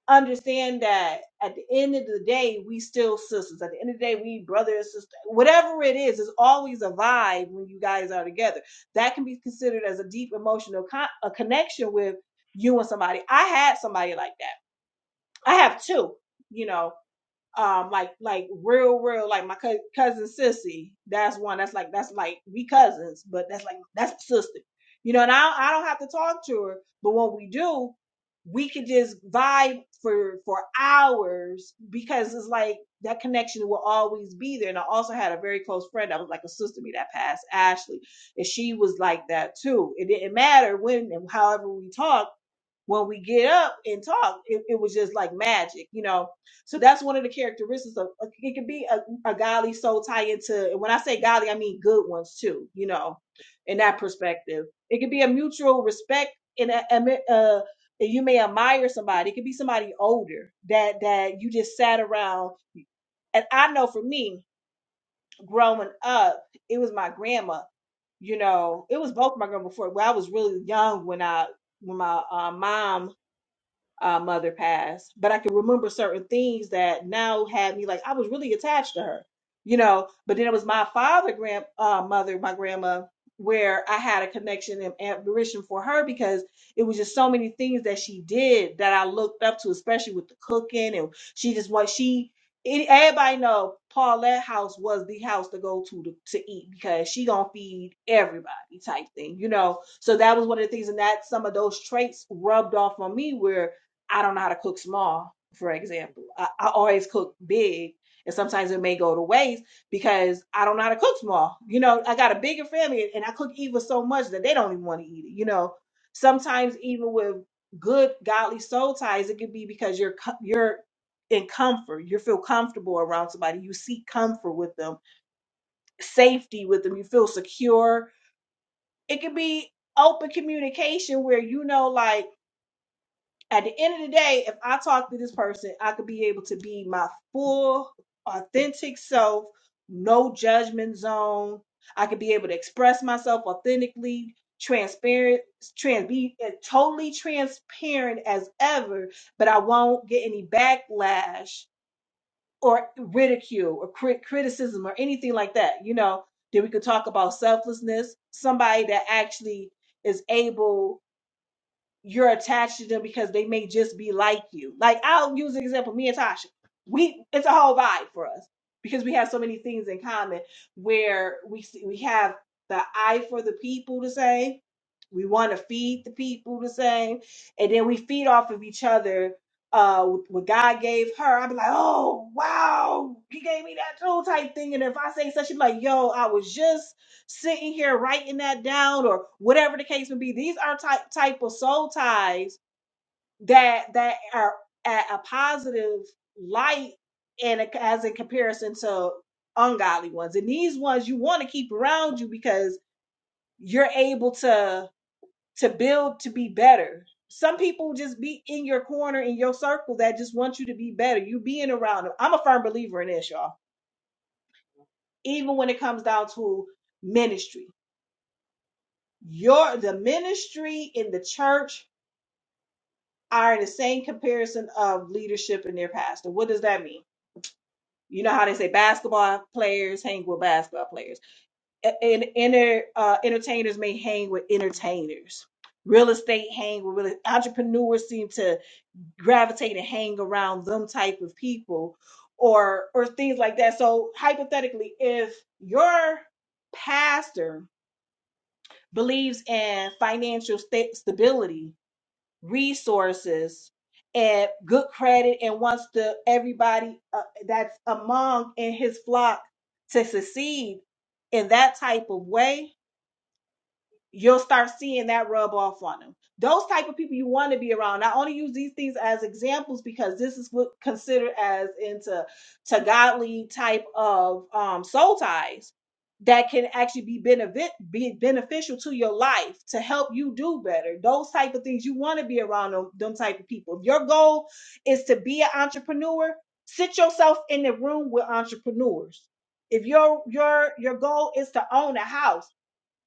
B: understand that at the end of the day, we still sisters. At the end of the day, we brother and sister. Whatever it is, is always a vibe when you guys are together. That can be considered as a deep emotional con- a connection with you and somebody. I had somebody like that. I have two, you know um like like real real like my cou- cousin sissy that's one that's like that's like we cousins but that's like that's sister you know and i i don't have to talk to her but when we do we could just vibe for for hours because it's like that connection will always be there and i also had a very close friend that was like a sister to me that passed ashley and she was like that too it didn't matter when and however we talked when we get up and talk, it, it was just like magic, you know. So that's one of the characteristics of uh, it can be a, a godly soul tie into. And when I say godly, I mean good ones too, you know, in that perspective. It could be a mutual respect and a, a, mi- uh, you may admire somebody. It could be somebody older that that you just sat around. And I know for me, growing up, it was my grandma you know, it was both my grandma before. Well, I was really young when I when my uh, mom uh, mother passed, but I can remember certain things that now had me like I was really attached to her, you know. But then it was my father, grand uh, mother, my grandma, where I had a connection and admiration for her because it was just so many things that she did that I looked up to, especially with the cooking and she just what she. It, everybody know Paulette House was the house to go to, to to eat because she gonna feed everybody type thing, you know. So that was one of the things, and that some of those traits rubbed off on me where I don't know how to cook small, for example. I, I always cook big, and sometimes it may go to waste because I don't know how to cook small. You know, I got a bigger family, and I cook even so much that they don't even want to eat it. You know, sometimes even with good godly soul ties, it could be because you're co- you're in comfort, you feel comfortable around somebody, you seek comfort with them, safety with them, you feel secure. It could be open communication where you know, like at the end of the day, if I talk to this person, I could be able to be my full, authentic self, no judgment zone. I could be able to express myself authentically, transparent, trans, be uh, totally transparent as ever, but I won't get any backlash or ridicule or crit- criticism or anything like that. You know, then we could talk about selflessness, somebody that actually is able you're attached to them because they may just be like you. Like I'll use an example, me and Tasha. We it's a whole vibe for us because we have so many things in common where we see, we have the eye for the people the same. we want to feed the people the same, and then we feed off of each other. Uh, what God gave her, I'd be like, oh wow, He gave me that too, type thing. And if I say such, she'd be like, yo, I was just sitting here writing that down or whatever the case may be. These are type type of soul ties that that are at a positive light and a- as in comparison to ungodly ones. And these ones you want to keep around you because you're able to to build to be better. Some people just be in your corner in your circle that just want you to be better. You being around them. I'm a firm believer in this, y'all. Even when it comes down to ministry Your the ministry in the church are in the same comparison of leadership and their pastor. What does that mean? You know how they say basketball players hang with basketball players, A- and inner uh, entertainers may hang with entertainers. Real estate hang with real entrepreneurs seem to gravitate and hang around them type of people, or or things like that. So hypothetically, if your pastor believes in financial sta- stability resources and good credit and wants to everybody uh, that's among in his flock to succeed in that type of way you'll start seeing that rub off on them. Those type of people you want to be around. I only use these things as examples because this is what considered as into to godly type of um, soul ties that can actually be benefit be beneficial to your life to help you do better. Those type of things you want to be around them, them type of people. If your goal is to be an entrepreneur, sit yourself in the room with entrepreneurs. If your your your goal is to own a house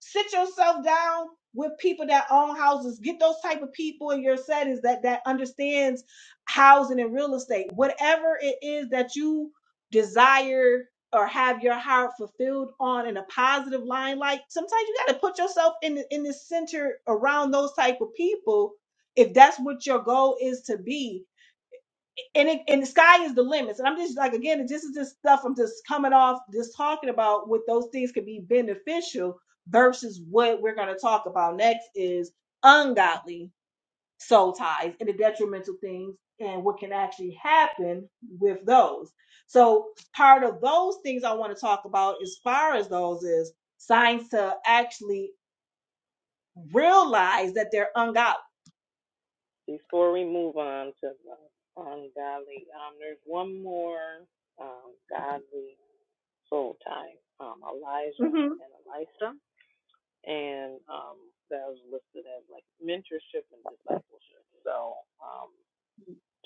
B: sit yourself down with people that own houses get those type of people in your settings that that understands housing and real estate whatever it is that you desire or have your heart fulfilled on in a positive line like sometimes you got to put yourself in the, in the center around those type of people if that's what your goal is to be and it, and the sky is the limits. And I'm just like again, this is just stuff I'm just coming off, just talking about what those things could be beneficial versus what we're going to talk about next is ungodly soul ties and the detrimental things and what can actually happen with those. So part of those things I want to talk about as far as those is signs to actually realize that they're ungodly.
A: before we move on to the ungodly, um, there's one more um, godly soul tie, um, Elijah
B: Mhm.
A: and Elisha, and um, that was listed as like mentorship and discipleship. So, um,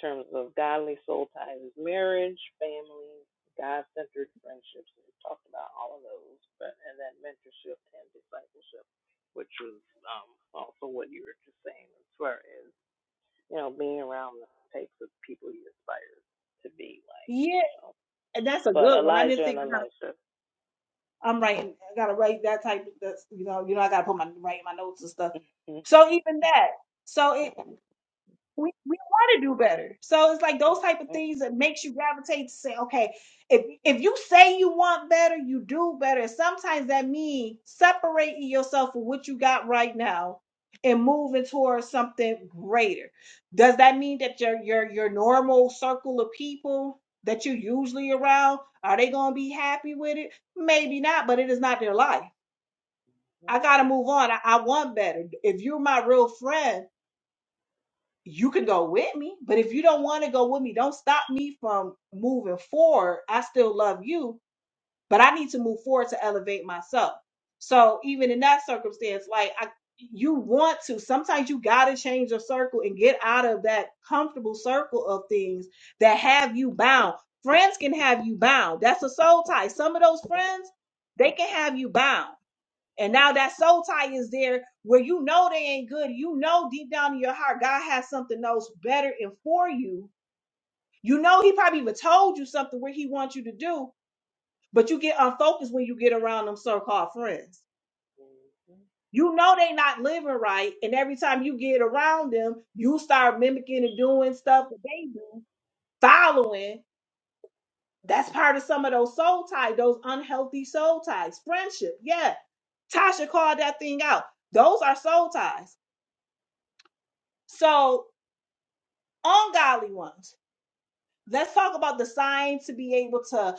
A: terms of godly soul ties is marriage, family, God centered friendships. We talked about all of those, but and then mentorship and discipleship, which was um, also what you were just saying as far as you know being around the types of people you aspire to be like.
B: Yeah,
A: So,
B: and that's a
A: but
B: good one. I didn't
A: Elijah and
B: think.
A: Elisha.
B: I'm writing. I gotta write that type. That's you know, you know, I gotta put my write my notes and stuff.
A: *laughs*
B: So even that. So it we, we want to do better. So it's like those type of things that makes you gravitate to say, okay, if if you say you want better, you do better. And sometimes that means separating yourself from what you got right now and moving towards something greater. Does that mean that your your your normal circle of people that you're usually around are they gonna be happy with it? Maybe not, but it is not their life. I gotta move on. I, I want better. If you're my real friend you can go with me, but if you don't want to go with me, don't stop me from moving forward. I still love you, but I need to move forward to elevate myself. So even in that circumstance, like I you want to sometimes you got to change your circle and get out of that comfortable circle of things that have you bound. Friends can have you bound. That's a soul tie. Some of those friends, they can have you bound and now that soul tie is there where you know they ain't good. You know deep down in your heart, God has something else better and for you. You know he probably even told you something where he wants you to do, but you get unfocused when you get around them so-called friends. You know they not living right, and every time you get around them, you start mimicking and doing stuff that they do, following. That's part of some of those soul ties, those unhealthy soul ties. Friendship, yeah. Tasha called that thing out. Those are soul ties. So, ungodly ones. Let's talk about the signs to be able to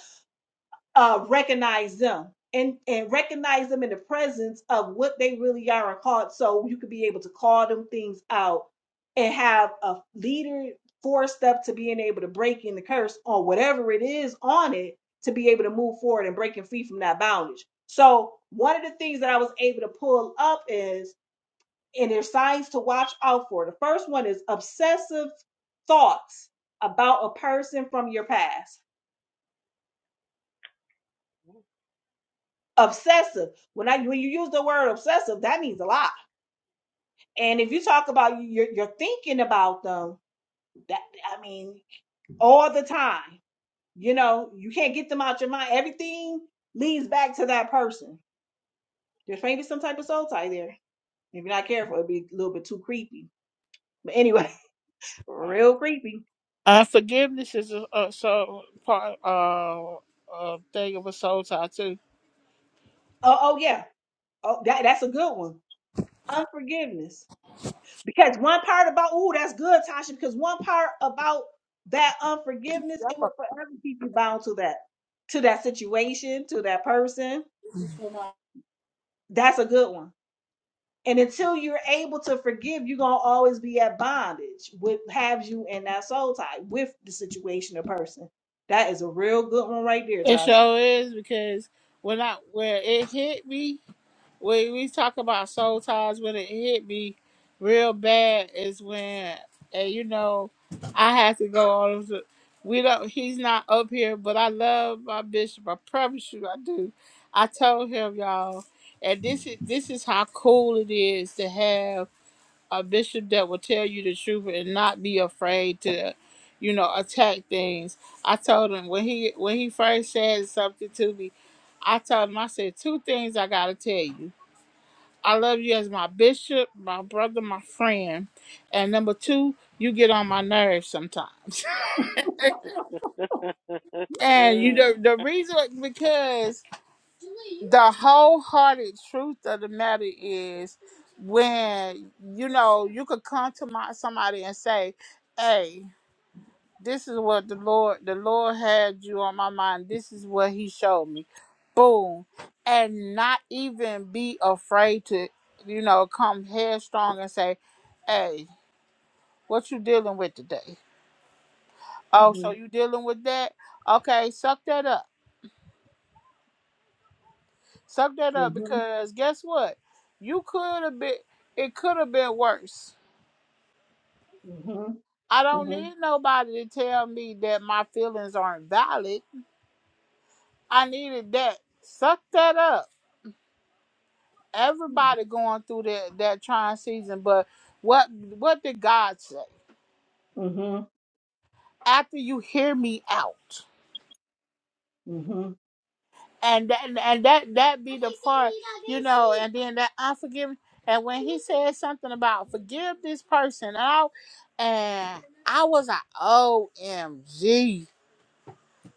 B: uh, recognize them and, and recognize them in the presence of what they really are and called. So you could be able to call them things out and have a leader four step to being able to break in the curse on whatever it is on it to be able to move forward and breaking free from that bondage. So one of the things that I was able to pull up is and there's signs to watch out for. The first one is obsessive thoughts about a person from your past. Obsessive. When I when you use the word obsessive, that means a lot. And if you talk about you- are you're thinking about them, that I mean, all the time. You know, you can't get them out your mind. Everything leads back to that person. There's maybe some type of soul tie there. If you're not careful, it'd be a little bit too creepy. But anyway, *laughs* real creepy.
C: Unforgiveness is a, a so part uh, a thing of a soul tie too.
B: Oh, oh yeah. Oh, that that's a good one unforgiveness. Because one part about, ooh, that's good, Tasha, because one part about that unforgiveness, it would
C: Yep.
B: forever keep you bound to that, to that situation, to that person. That's a good one. And until you're able to forgive, you're gonna always be at bondage with have you in that soul tie with the situation or person. That is a real good one right there,
C: It
B: Tasha.
C: sure is because when I when it hit me. when we talk about soul ties, when it hit me real bad is when, and you know, I had to go all over. The, we don't. He's not up here, but I love my bishop. I promise you, I do. I told him, y'all, and this is this is how cool it is to have a bishop that will tell you the truth and not be afraid to, you know, attack things. I told him when he when he first said something to me, I told him I said two things I gotta tell you. I love you as my bishop, my brother, my friend. And number two, you get on my nerves sometimes.
B: *laughs*
C: *laughs*
B: Mhm,
C: and you know the reason because the wholehearted truth of the matter is when you know you could come to my somebody and say, Hey, this is what the Lord the Lord had you on my mind. This is what he showed me. Boom. And not even be afraid to, you know, come headstrong and say, hey, What you dealing with today? Oh, so
B: mhm,
C: you dealing with that? Okay, suck that up. Suck that up
B: mhm,
C: because guess what? You could have been it could have been worse.
B: mhm,
C: I don't
B: mhm,
C: need nobody to tell me that my feelings aren't valid. I needed that. Suck that up.
B: mhm.
C: Everybody going through that that trying season, but what what did God say? After you hear me out.
B: Mhm.
C: and that, and that that be the part, you know, and then that unforgiving. And when he said something about forgive this person, and I, and I was like, OMG,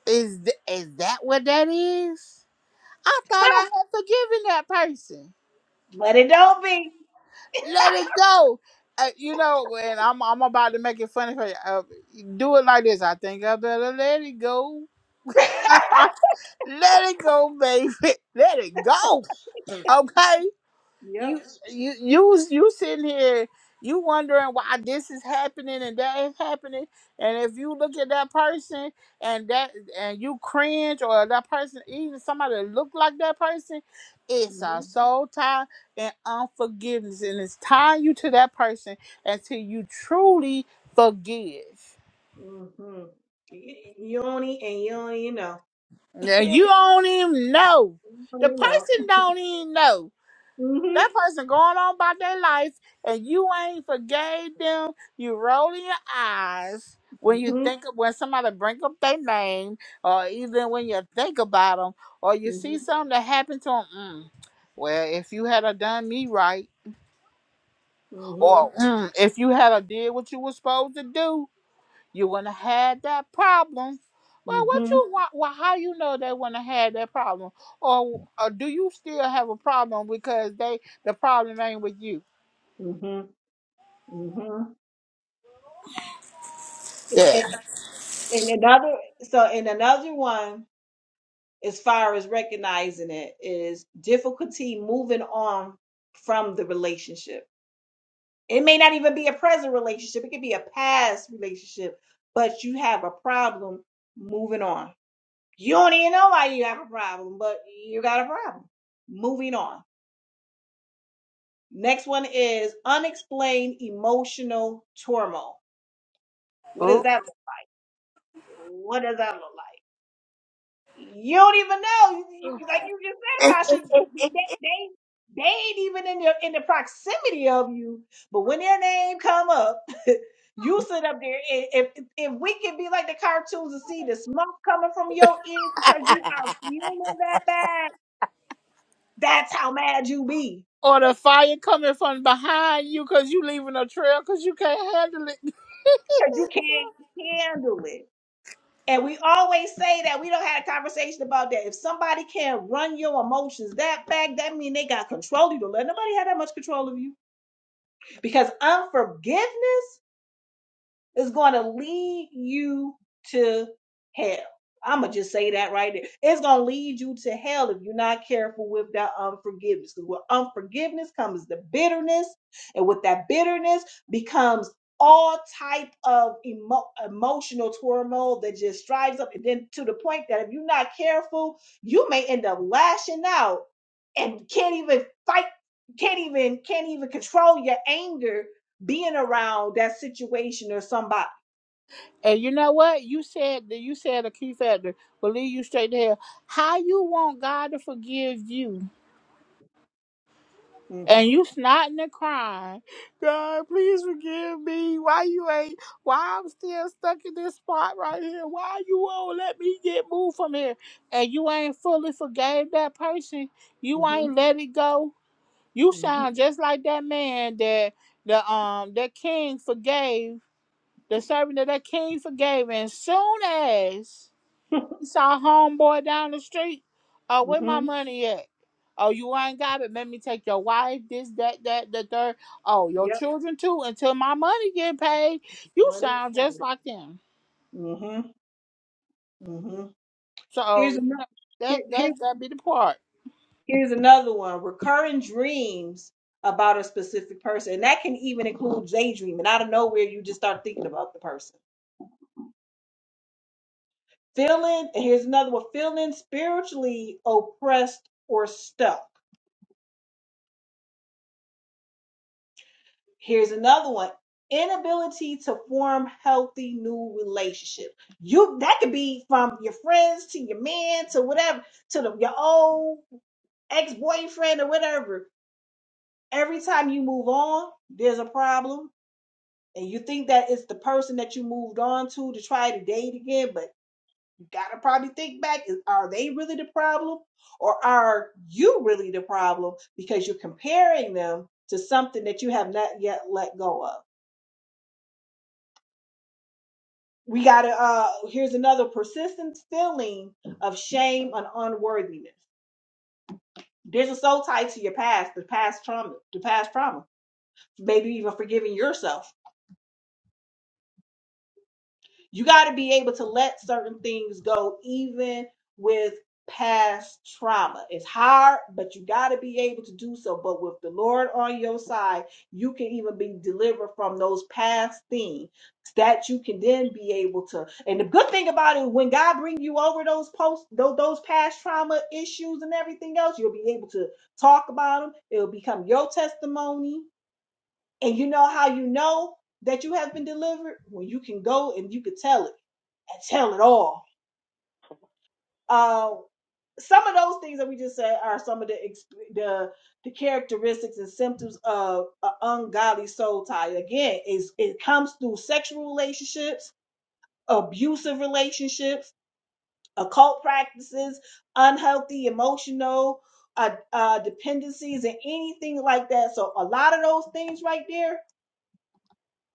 C: is th- is that what that is? I thought I had forgiven that person.
B: But it don't be.
C: Let it go. Uh, you know, and I'm I'm about to make it funny for you. Uh, do it like this. I think I better let it go. *laughs* let it go, baby. *laughs* Let it go. Okay you
B: Yep.
C: you you you sitting here you wondering why this is happening and that is happening and if you look at that person and that and you cringe or that person even somebody that look like that person it's a
B: Mhm,
C: soul tie and unforgiveness and it's tying you to that person until you truly forgive
B: mhm. Y- y- You only and you only know.
C: now
B: *laughs*
C: you don't even know
B: Well,
C: the
B: you know.
C: person don't even know
B: Mm-hmm.
C: That person going on about their life and you ain't forgave them. You rolling your eyes when you
B: Mm-hmm.
C: think of when somebody bring up their name, or even when you think about them, or you see
B: Mm-hmm.
C: something that happened to them. Mm, well, if you had a done me right,
B: Mm-hmm.
C: or mm, if you had a did what you were supposed to do, you wouldn't have had that problem. Well, what
B: Mm-hmm.
C: you want? Well, how you know they wouldn't have had that problem, or, or do you still have a problem because they the problem ain't with you?
B: Mm-hmm. hmm And,
C: Yeah.
B: and, and another so and another one as far as recognizing it is difficulty moving on from the relationship. It may not even be a present relationship, it could be a past relationship, but you have a problem moving on. You don't even know why you have a problem, but you got a problem. Moving on. Next one is unexplained emotional turmoil. What is
C: Ooh.
B: that? What does that look like? You don't even know. You- you- Like you just said, Tasha, they they, they ain't even in the in the proximity of you. But when their name come up, *laughs* you sit up there. And if if we can be like the cartoons and see the smoke coming from your ears because you are feeling that bad, that's how mad you be
C: Or the fire coming from behind you because you leaving a trail because you can't handle it.
B: because you can't handle it. And we always say that we don't have a conversation about that. If somebody can run your emotions that back, that mean they got control of you. Don't let nobody have that much control of you. Because unforgiveness is going to lead you to hell. I'm gonna just say that right there. It's gonna lead you to hell if you're not careful with that unforgiveness. Because with unforgiveness comes the bitterness, and with that bitterness becomes all type of emo- emotional turmoil that just drives up, and then to the point that if you're not careful, you may end up lashing out and can't even fight, can't even can't even control your anger being around that situation or somebody.
C: And you know what? You said that you said a key factor. Believe you straight to hell. How you want God to forgive you? And
B: Mm-hmm.
C: you snotting and crying. God, please forgive me. Why you ain't why I'm still stuck in this spot right here? Why you won't let me get moved from here? And you ain't fully forgave that person. You
B: Mm-hmm.
C: ain't let it go You sound
B: Mm-hmm.
C: just like that man that the um that king forgave, the servant of that king forgave, and soon as he
B: *laughs*
C: saw homeboy down the street, oh where my
B: mm-hmm.
C: money at? Oh, you ain't got it. Let me take your wife, this, that, that, the third. Oh, your
B: Yep.
C: children too. Until my money get paid, you
B: Money
C: sound
B: tight.
C: just like them.
B: Mm-hmm. Mm-hmm.
C: So
B: Here's
C: you
B: another
C: know
B: here,
C: that that
B: here-
C: that be the part.
B: here's another one. Recurring dreams about a specific person. And that can even include daydreaming. Out of nowhere you just start thinking about the person. Feeling and here's another one, feeling spiritually oppressed or stuck. Here's another one. Inability to form healthy new relationships. You that could be from your friends to your man to whatever to the, your old ex-boyfriend or whatever. Every time you move on, there's a problem. And you think that it's the person that you moved on to to try to date again, but you gotta probably think back, is are they really the problem? Or are you really the problem because you're comparing them to something that you have not yet let go of? we gotta uh here's another persistent feeling of shame and unworthiness this is so tied to your past the past trauma the past trauma maybe even forgiving yourself You got to be able to let certain things go, even with past trauma. It's hard, but you got to be able to do so. But with the Lord on your side, you can even be delivered from those past things that you can then be able to. And the good thing about it, when God brings you over those post those, those past trauma issues and everything else, you'll be able to talk about them. It'll become your testimony. And you know how you know that you have been delivered when you can go and you can tell it and tell it all. Uh, some of those things that we just said are some of the the, the characteristics and symptoms of an ungodly soul tie. Again, is it comes through sexual relationships, abusive relationships, occult practices, unhealthy emotional uh, uh, dependencies, and anything like that. So a lot of those things right there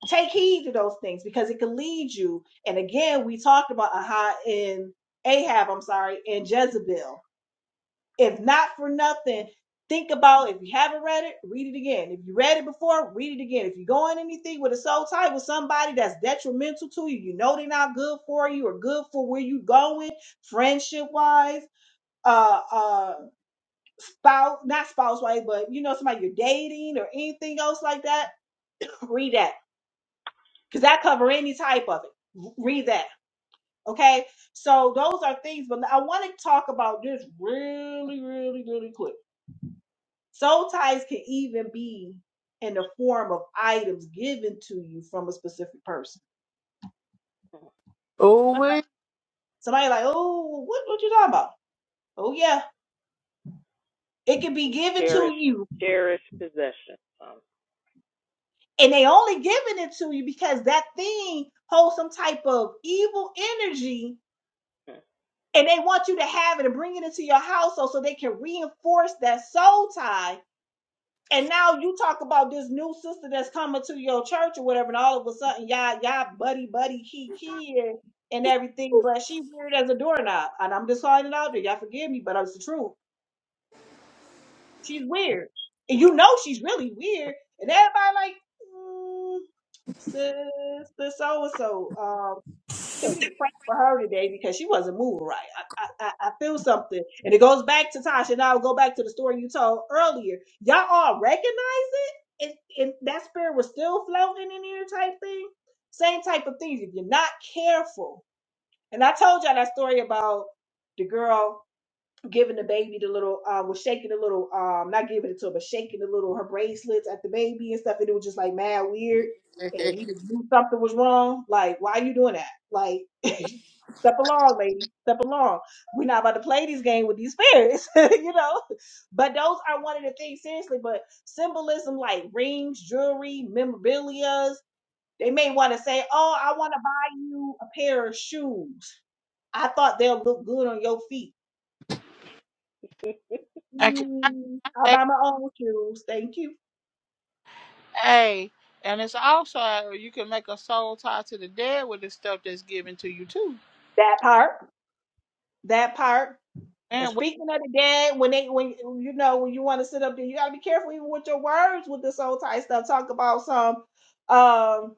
B: take heed to those things because it can lead you. And again, we talked about Aha and Ahab, I'm sorry, and Jezebel. If not for nothing, think about if you haven't read it, read it again. If you read it before, read it again. If you go in anything with a soul tie with somebody that's detrimental to you, you know they're not good for you or good for where you are going, friendship wise, uh uh spouse, not spouse wise, but you know somebody you're dating or anything else like that, read that because I cover any type of it. Read that. Okay. So those are things, but I want to talk about this really, really, really quick. Soul ties can even be in the form of items given to you from a specific person.
C: Oh, *laughs*
B: Somebody like, oh, what, what you talking about? Oh yeah. It can be given
A: cherish,
B: to you.
A: cherish possession.
B: And they only giving it to you because that thing holds some type of evil energy
A: Um,
B: and they want you to have it and bring it into your household so so they can reinforce that soul tie. And now you talk about this new sister that's coming to your church or whatever, and all of a sudden y'all y'all buddy buddy he he and everything, but she weird as a doorknob. And I'm just calling it out there. Y'all forgive me, but it's the truth. She's weird. And you know she's really weird. And everybody like, mm, sister so and so. Um, I think we need to pray for her today because she wasn't moving right. I, I, I I feel something. And it goes back to Tasha. And I'll go back to the story you told earlier. Y'all all recognize it? And, and that spirit was still floating in here type thing. Same type of things if you're not careful. And I told y'all that story about the girl giving the baby the little uh was shaking the little um not giving it to her but shaking the little her bracelets at the baby and stuff and it was just like mad weird and we just knew something was wrong like why are you doing that like *laughs* step along lady step along we're not about to play this game with these spirits *laughs* you know but those are one of the things seriously but symbolism like rings jewelry memorabilia they may want to say oh i want to buy you a pair of shoes i thought they'll look good on your feet
C: I cannot
B: Mm, All by my own shoes. Thank you.
C: Hey, and it's also uh, you can make a soul tie to the dead with the stuff that's given to you too,
B: That part. That part. And
C: and with
B: speaking of the dead, when they when you know when you want to sit up there, you gotta be careful even with your words with this old type stuff. Talk about some um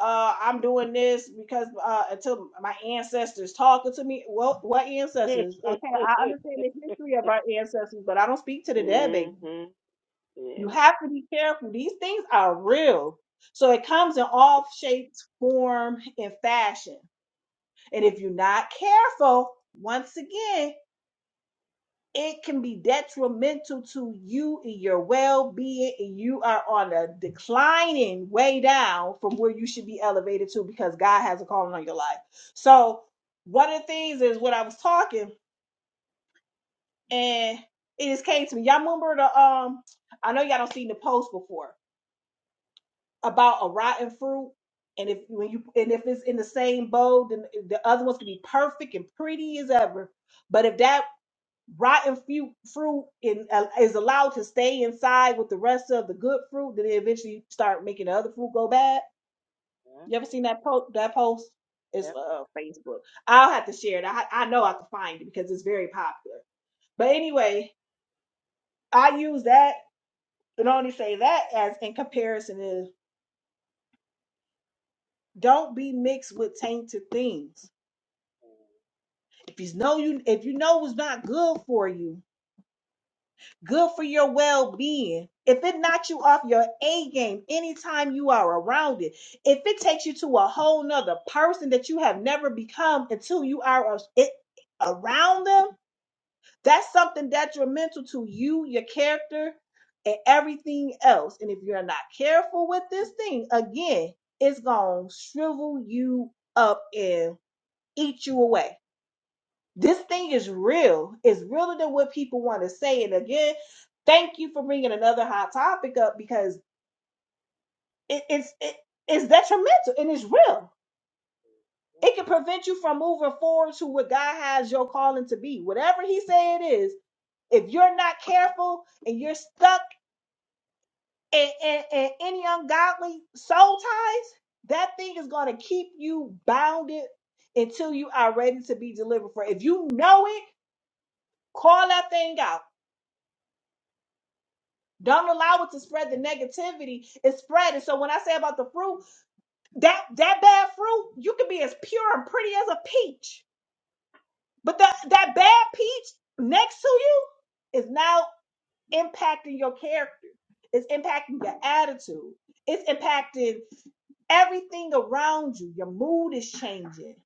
B: uh I'm doing this because uh until my ancestors talking to me. Well what ancestors? Okay, I
A: *laughs*
B: understand the history of our ancestors, but I don't speak to the dead, baby.
A: hmm
B: You
A: Yeah.
B: have to be careful. These things are real. So it comes in all shapes, form, and fashion. And if you're not careful, once again, it can be detrimental to you and your well being. And you are on a declining way down from where you should be elevated to because God has a calling on your life. So, one of the things is what I was talking, and it just came to me. Y'all remember the, um, I know y'all don't seen the post before about a rotten fruit. And if when you and if it's in the same bowl, then the other ones can be perfect and pretty as ever. But if that rotten fruit fruit in, uh, is allowed to stay inside with the rest of the good fruit, then they eventually start making the other fruit go bad.
A: Yeah.
B: You ever seen that post? That post is
A: Yep.
B: uh, Facebook. I'll have to share it. I, I know I can find it because it's very popular. But anyway, I use that and only say that as in comparison is don't be mixed with tainted things. If you know you if you know it's not good for you, good for your well-being. If it knocks you off your A game anytime you are around it, if it takes you to a whole nother person that you have never become until you are a- it, around them, that's something detrimental to you, your character, and everything else. And if you're not careful with this thing, again, it's gonna shrivel you up and eat you away this thing is real. It's realer than what people want to say. And again, thank you for bringing another hot topic up because it, it's it, it's detrimental and it's real. It can prevent you from moving forward to what God has your calling to be. Whatever He say it is, if you're not careful and you're stuck in, in, in any ungodly soul ties, that thing is going to keep you bounded until you are ready to be delivered for. it. If you know it, call that thing out. Don't allow it to spread the negativity. It's spreading. So when I say about the fruit, that that bad fruit, you can be as pure and pretty as a peach. But that that bad peach next to you is now impacting your character. It's impacting your attitude. It's impacting everything around you. Your mood is changing.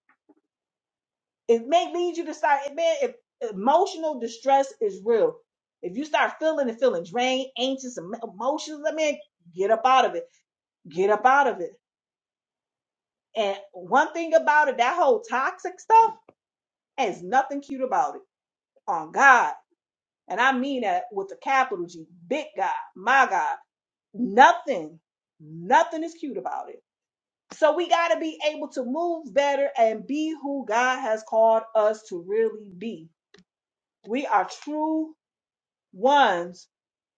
B: It may lead you to start, man, if emotional distress is real. If you start feeling and feeling drained, anxious, em- emotions, I mean, get up out of it Get up out of it. And one thing about it, that whole toxic stuff has nothing cute about it. On God. And I mean that with a capital G, big God, my God. Nothing, nothing is cute about it. So we got to be able to move better and be who God has called us to really be. We are true ones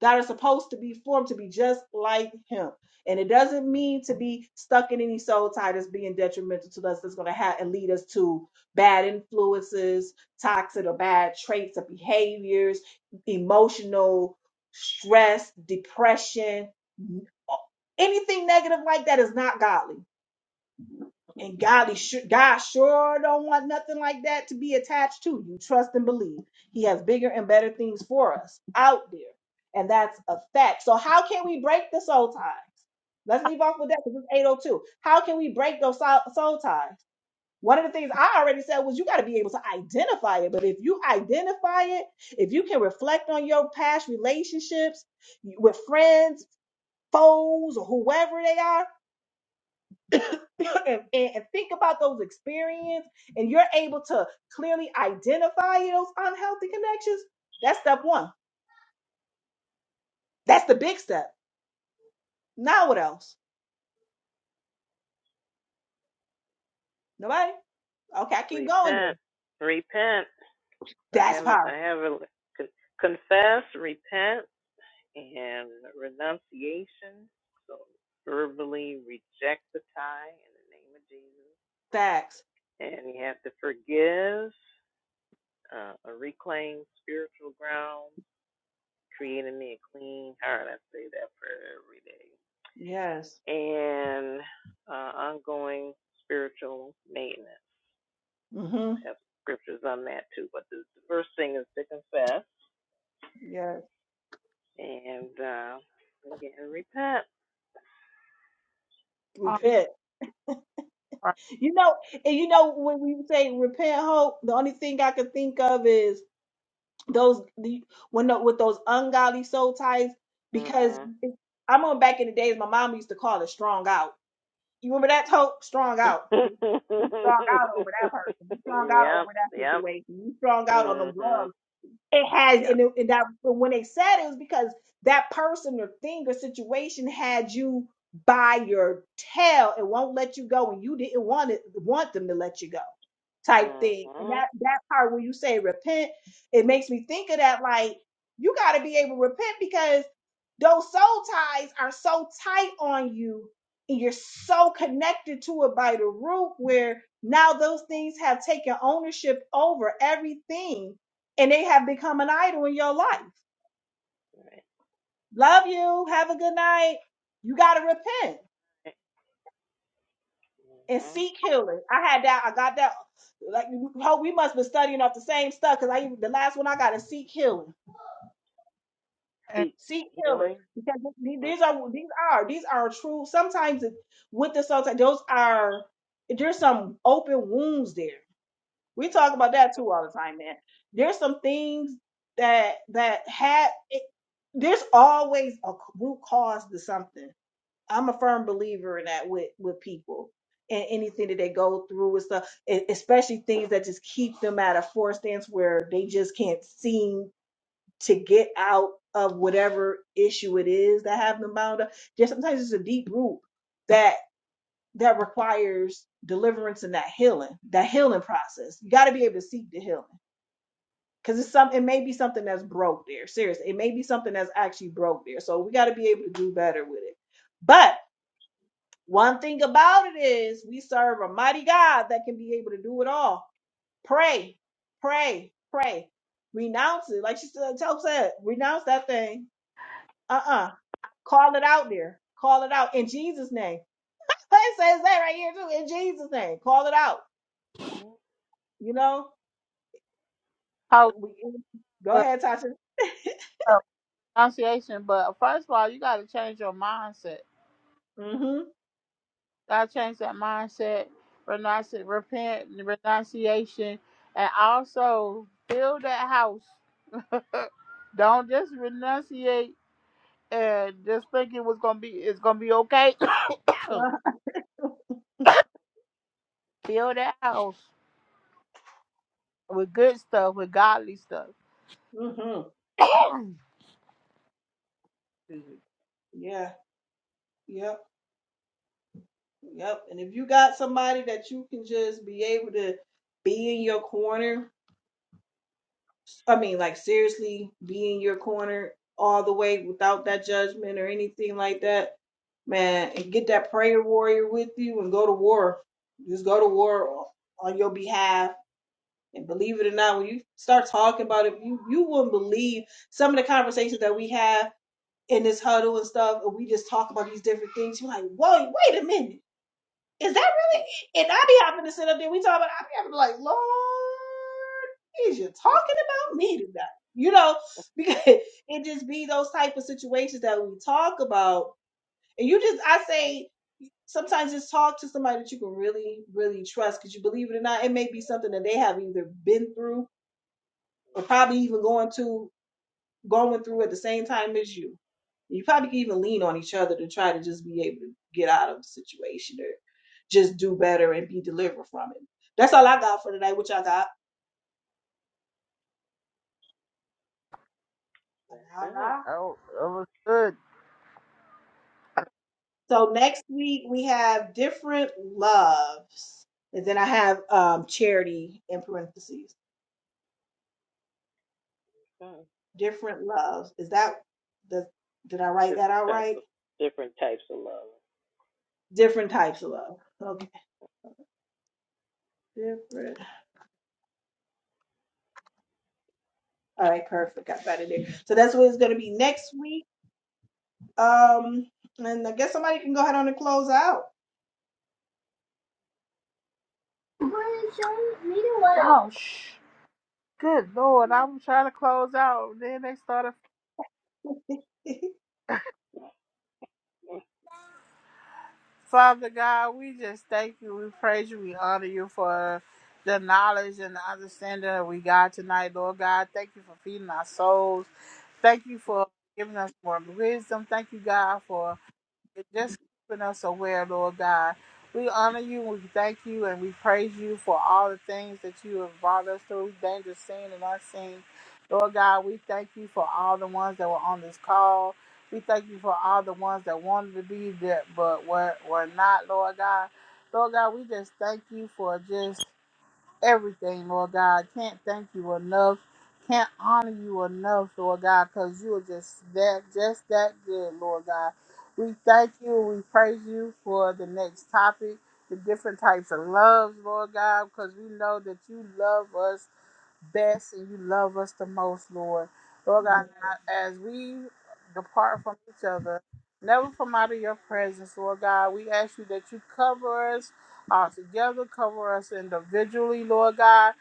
B: that are supposed to be formed to be just like him. And it doesn't mean to be stuck in any soul tie that's being detrimental to us, that's going to have and lead us to bad influences, toxic or bad traits or behaviors, emotional stress, depression. Anything negative like that is not godly. And Godly su- God sure don't want nothing like that to be attached to you. Trust and believe. He has bigger and better things for us out there. And that's a fact. So how can we break the soul ties? Let's leave off with that because it's 802. How can we break those soul soul ties? One of the things I already said was you got to be able to identify it. But if you identify it, if you can reflect on your past relationships with friends, foes, or whoever they are, *laughs* and, and and think about those experiences and you're able to clearly identify those unhealthy connections, that's step one. That's the big step. Now what else? Nobody? Okay, I keep going then.
A: Repent. Repent. I
B: That's
A: have I
B: power.
A: have a con- confess, repent, and renunciation. So verbally reject the tie in the name of Jesus,
B: Facts.
A: and you have to forgive, uh, reclaim spiritual ground, create in me a clean heart. I say that prayer every
B: Yes.
A: day, and uh, ongoing spiritual maintenance.
B: Mm-hmm.
A: I have scriptures on that too, but the, the first thing is to confess
B: Yes.
A: and uh, again repent.
C: um,
B: Repent. You know, and you know when we say repent hope, the only thing I can think of is those the, when the, with those ungodly soul ties because
A: Mhm.
B: I remember back in the days my mom used to call it strong out You remember that Hope? Strong out. bitch. You strong out over that person. You
A: *laughs*
B: strong out
A: yep.
B: over that
A: Yep.
B: situation. You strong out on them
A: Mhm.
B: drugs. It has,
A: Yep.
B: and, it, and that but when they said it was because that person or thing or situation had you by your tail it won't let you go, and you didn't want it, want them to let you go type thing. And
A: Mhm.
B: that that part where you say repent, it makes me think of that like you got to be able to repent because those soul ties are so tight on you and you're so connected to it by the root where now those things have taken ownership over everything and they have become an idol in your life. Love you. Have a good night. You got to repent and
A: Mhm.
B: seek healing. I had that. I got that. Like, oh, we must be studying off the same stuff because I even the last one I got is seek healing.
C: and
A: Seek
B: Seek healing
A: healing.
B: because th- these
A: Mhm.
B: are these are these are true. Sometimes it- with the sometimes those are there's some open wounds there. We talk about that too all the time, man. There's some things that that had it, there's always a root cause to something I'm a firm believer in that with with people and anything that they go through and stuff, e- especially things that just keep them at a forced stance where they just can't seem to get out of whatever issue it is that have them bound up. Just sometimes it's a deep root that that requires deliverance and that healing, that healing process. You got to be able to seek the healing. Cause it's some, it may be something that's broke there. Seriously, it may be something that's actually broke there. So we got to be able to do better with it. But one thing about it is we serve a mighty God that can be able to do it all. Pray, pray, pray. Renounce it. Like she said, tell said, renounce that thing. Uh-uh. Call it out there. Call it out in Jesus' name. *laughs* It says that right here too. In Jesus' name. Call it out. You know?
C: how
B: We, go
C: with
B: ahead, Tasha.
C: uh, pronunciation. But first of all, you got to change your mindset.
B: Mm-hmm.
C: Got to change that mindset. Renounce it, repent, renunciation, and also build that house. *clears throat* Uh, Don't just renunciate and just think it was gonna be it's gonna be okay. *clears throat* *coughs*
B: Yeah.
C: build that house with good stuff, with godly stuff.
B: Mm-hmm. Yeah. Yep. Yep. And if you got somebody that you can just be able to be in your corner I mean, like seriously, be in your corner all the way without that judgment or anything like that, man. And get that prayer warrior with you and go to war. Just go to war on on your behalf. And believe it or not, when you start talking about it, you you wouldn't believe some of the conversations that we have in this huddle and stuff. And we just talk about these different things. You're like, whoa, wait a minute. Is that really? And I be having to sit up there. We talk about. I be having to like, Lord, is you talking about me tonight? You know, *laughs* because it just be those type of situations that we talk about, and you just, I say, sometimes just talk to somebody that you can really, really trust, because you believe it or not, it may be something that they have either been through or probably even going to going through at the same time as you. You probably can even lean on each other to try to just be able to get out of the situation or just do better and be delivered from it. That's all I got for today. What y'all got?
A: That's
B: All
A: it.
B: right.
C: Oh, that was good.
B: So next week we have different loves. And then I have um charity in parentheses.
A: Mm.
B: Different loves. Is that the did I write that
A: Different
B: out
A: types
B: right?
A: of different types of love.
B: Different types of love. Okay. Different. All right, perfect. Got that in there. So that's what it's gonna be next week. Um, and I guess somebody can go ahead on and close out.
C: Oh, shh. Good Lord, I'm trying to close out. Then they started,
B: *laughs*
C: Father God, we just thank you. We praise you. We honor you for the knowledge and the understanding that we got tonight, Lord God. Thank you for feeding our souls. Thank you for giving us more wisdom. Thank you, God, for for just keeping us aware, Lord God. We honor you, we thank you, and we praise you for all the things that you have brought us through, dangerous seen and unseen. Lord God, we thank you for all the ones that were on this call. We thank you for all the ones that wanted to be there but were, were not, Lord God. Lord God, we just thank you for just everything, Lord God. Can't thank you enough. Can't honor you enough, Lord God, because you are just that, just that good, Lord God. We thank you. We praise you for the next topic, the different types of loves, Lord God, because we know that you love us best and you love us the most, Lord. Lord God,
B: Yes.
C: now as we depart from each other, never from out of your presence, Lord God, we ask you that you cover us all together, cover us individually, Lord God.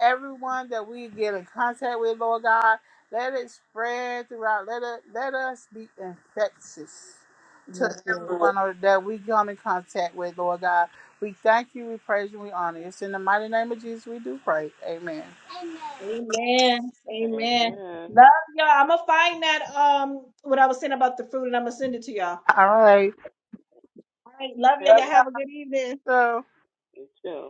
C: Everyone that we get in contact with, Lord God, let it spread throughout. Let it let us be infectious to
B: Yes. Yes.
C: everyone or- that we come in contact with, Lord God. We thank you, we praise you, we honor you. It's in the mighty name of Jesus we do pray. Amen.
B: Amen. Amen.
A: Amen.
B: Love y'all. I'm gonna find that um what I was saying about the fruit and I'm gonna send it to y'all.
C: All right.
B: All right. Love y'all. Y'all
A: Okay.
B: have a good evening.
C: So.
A: You too.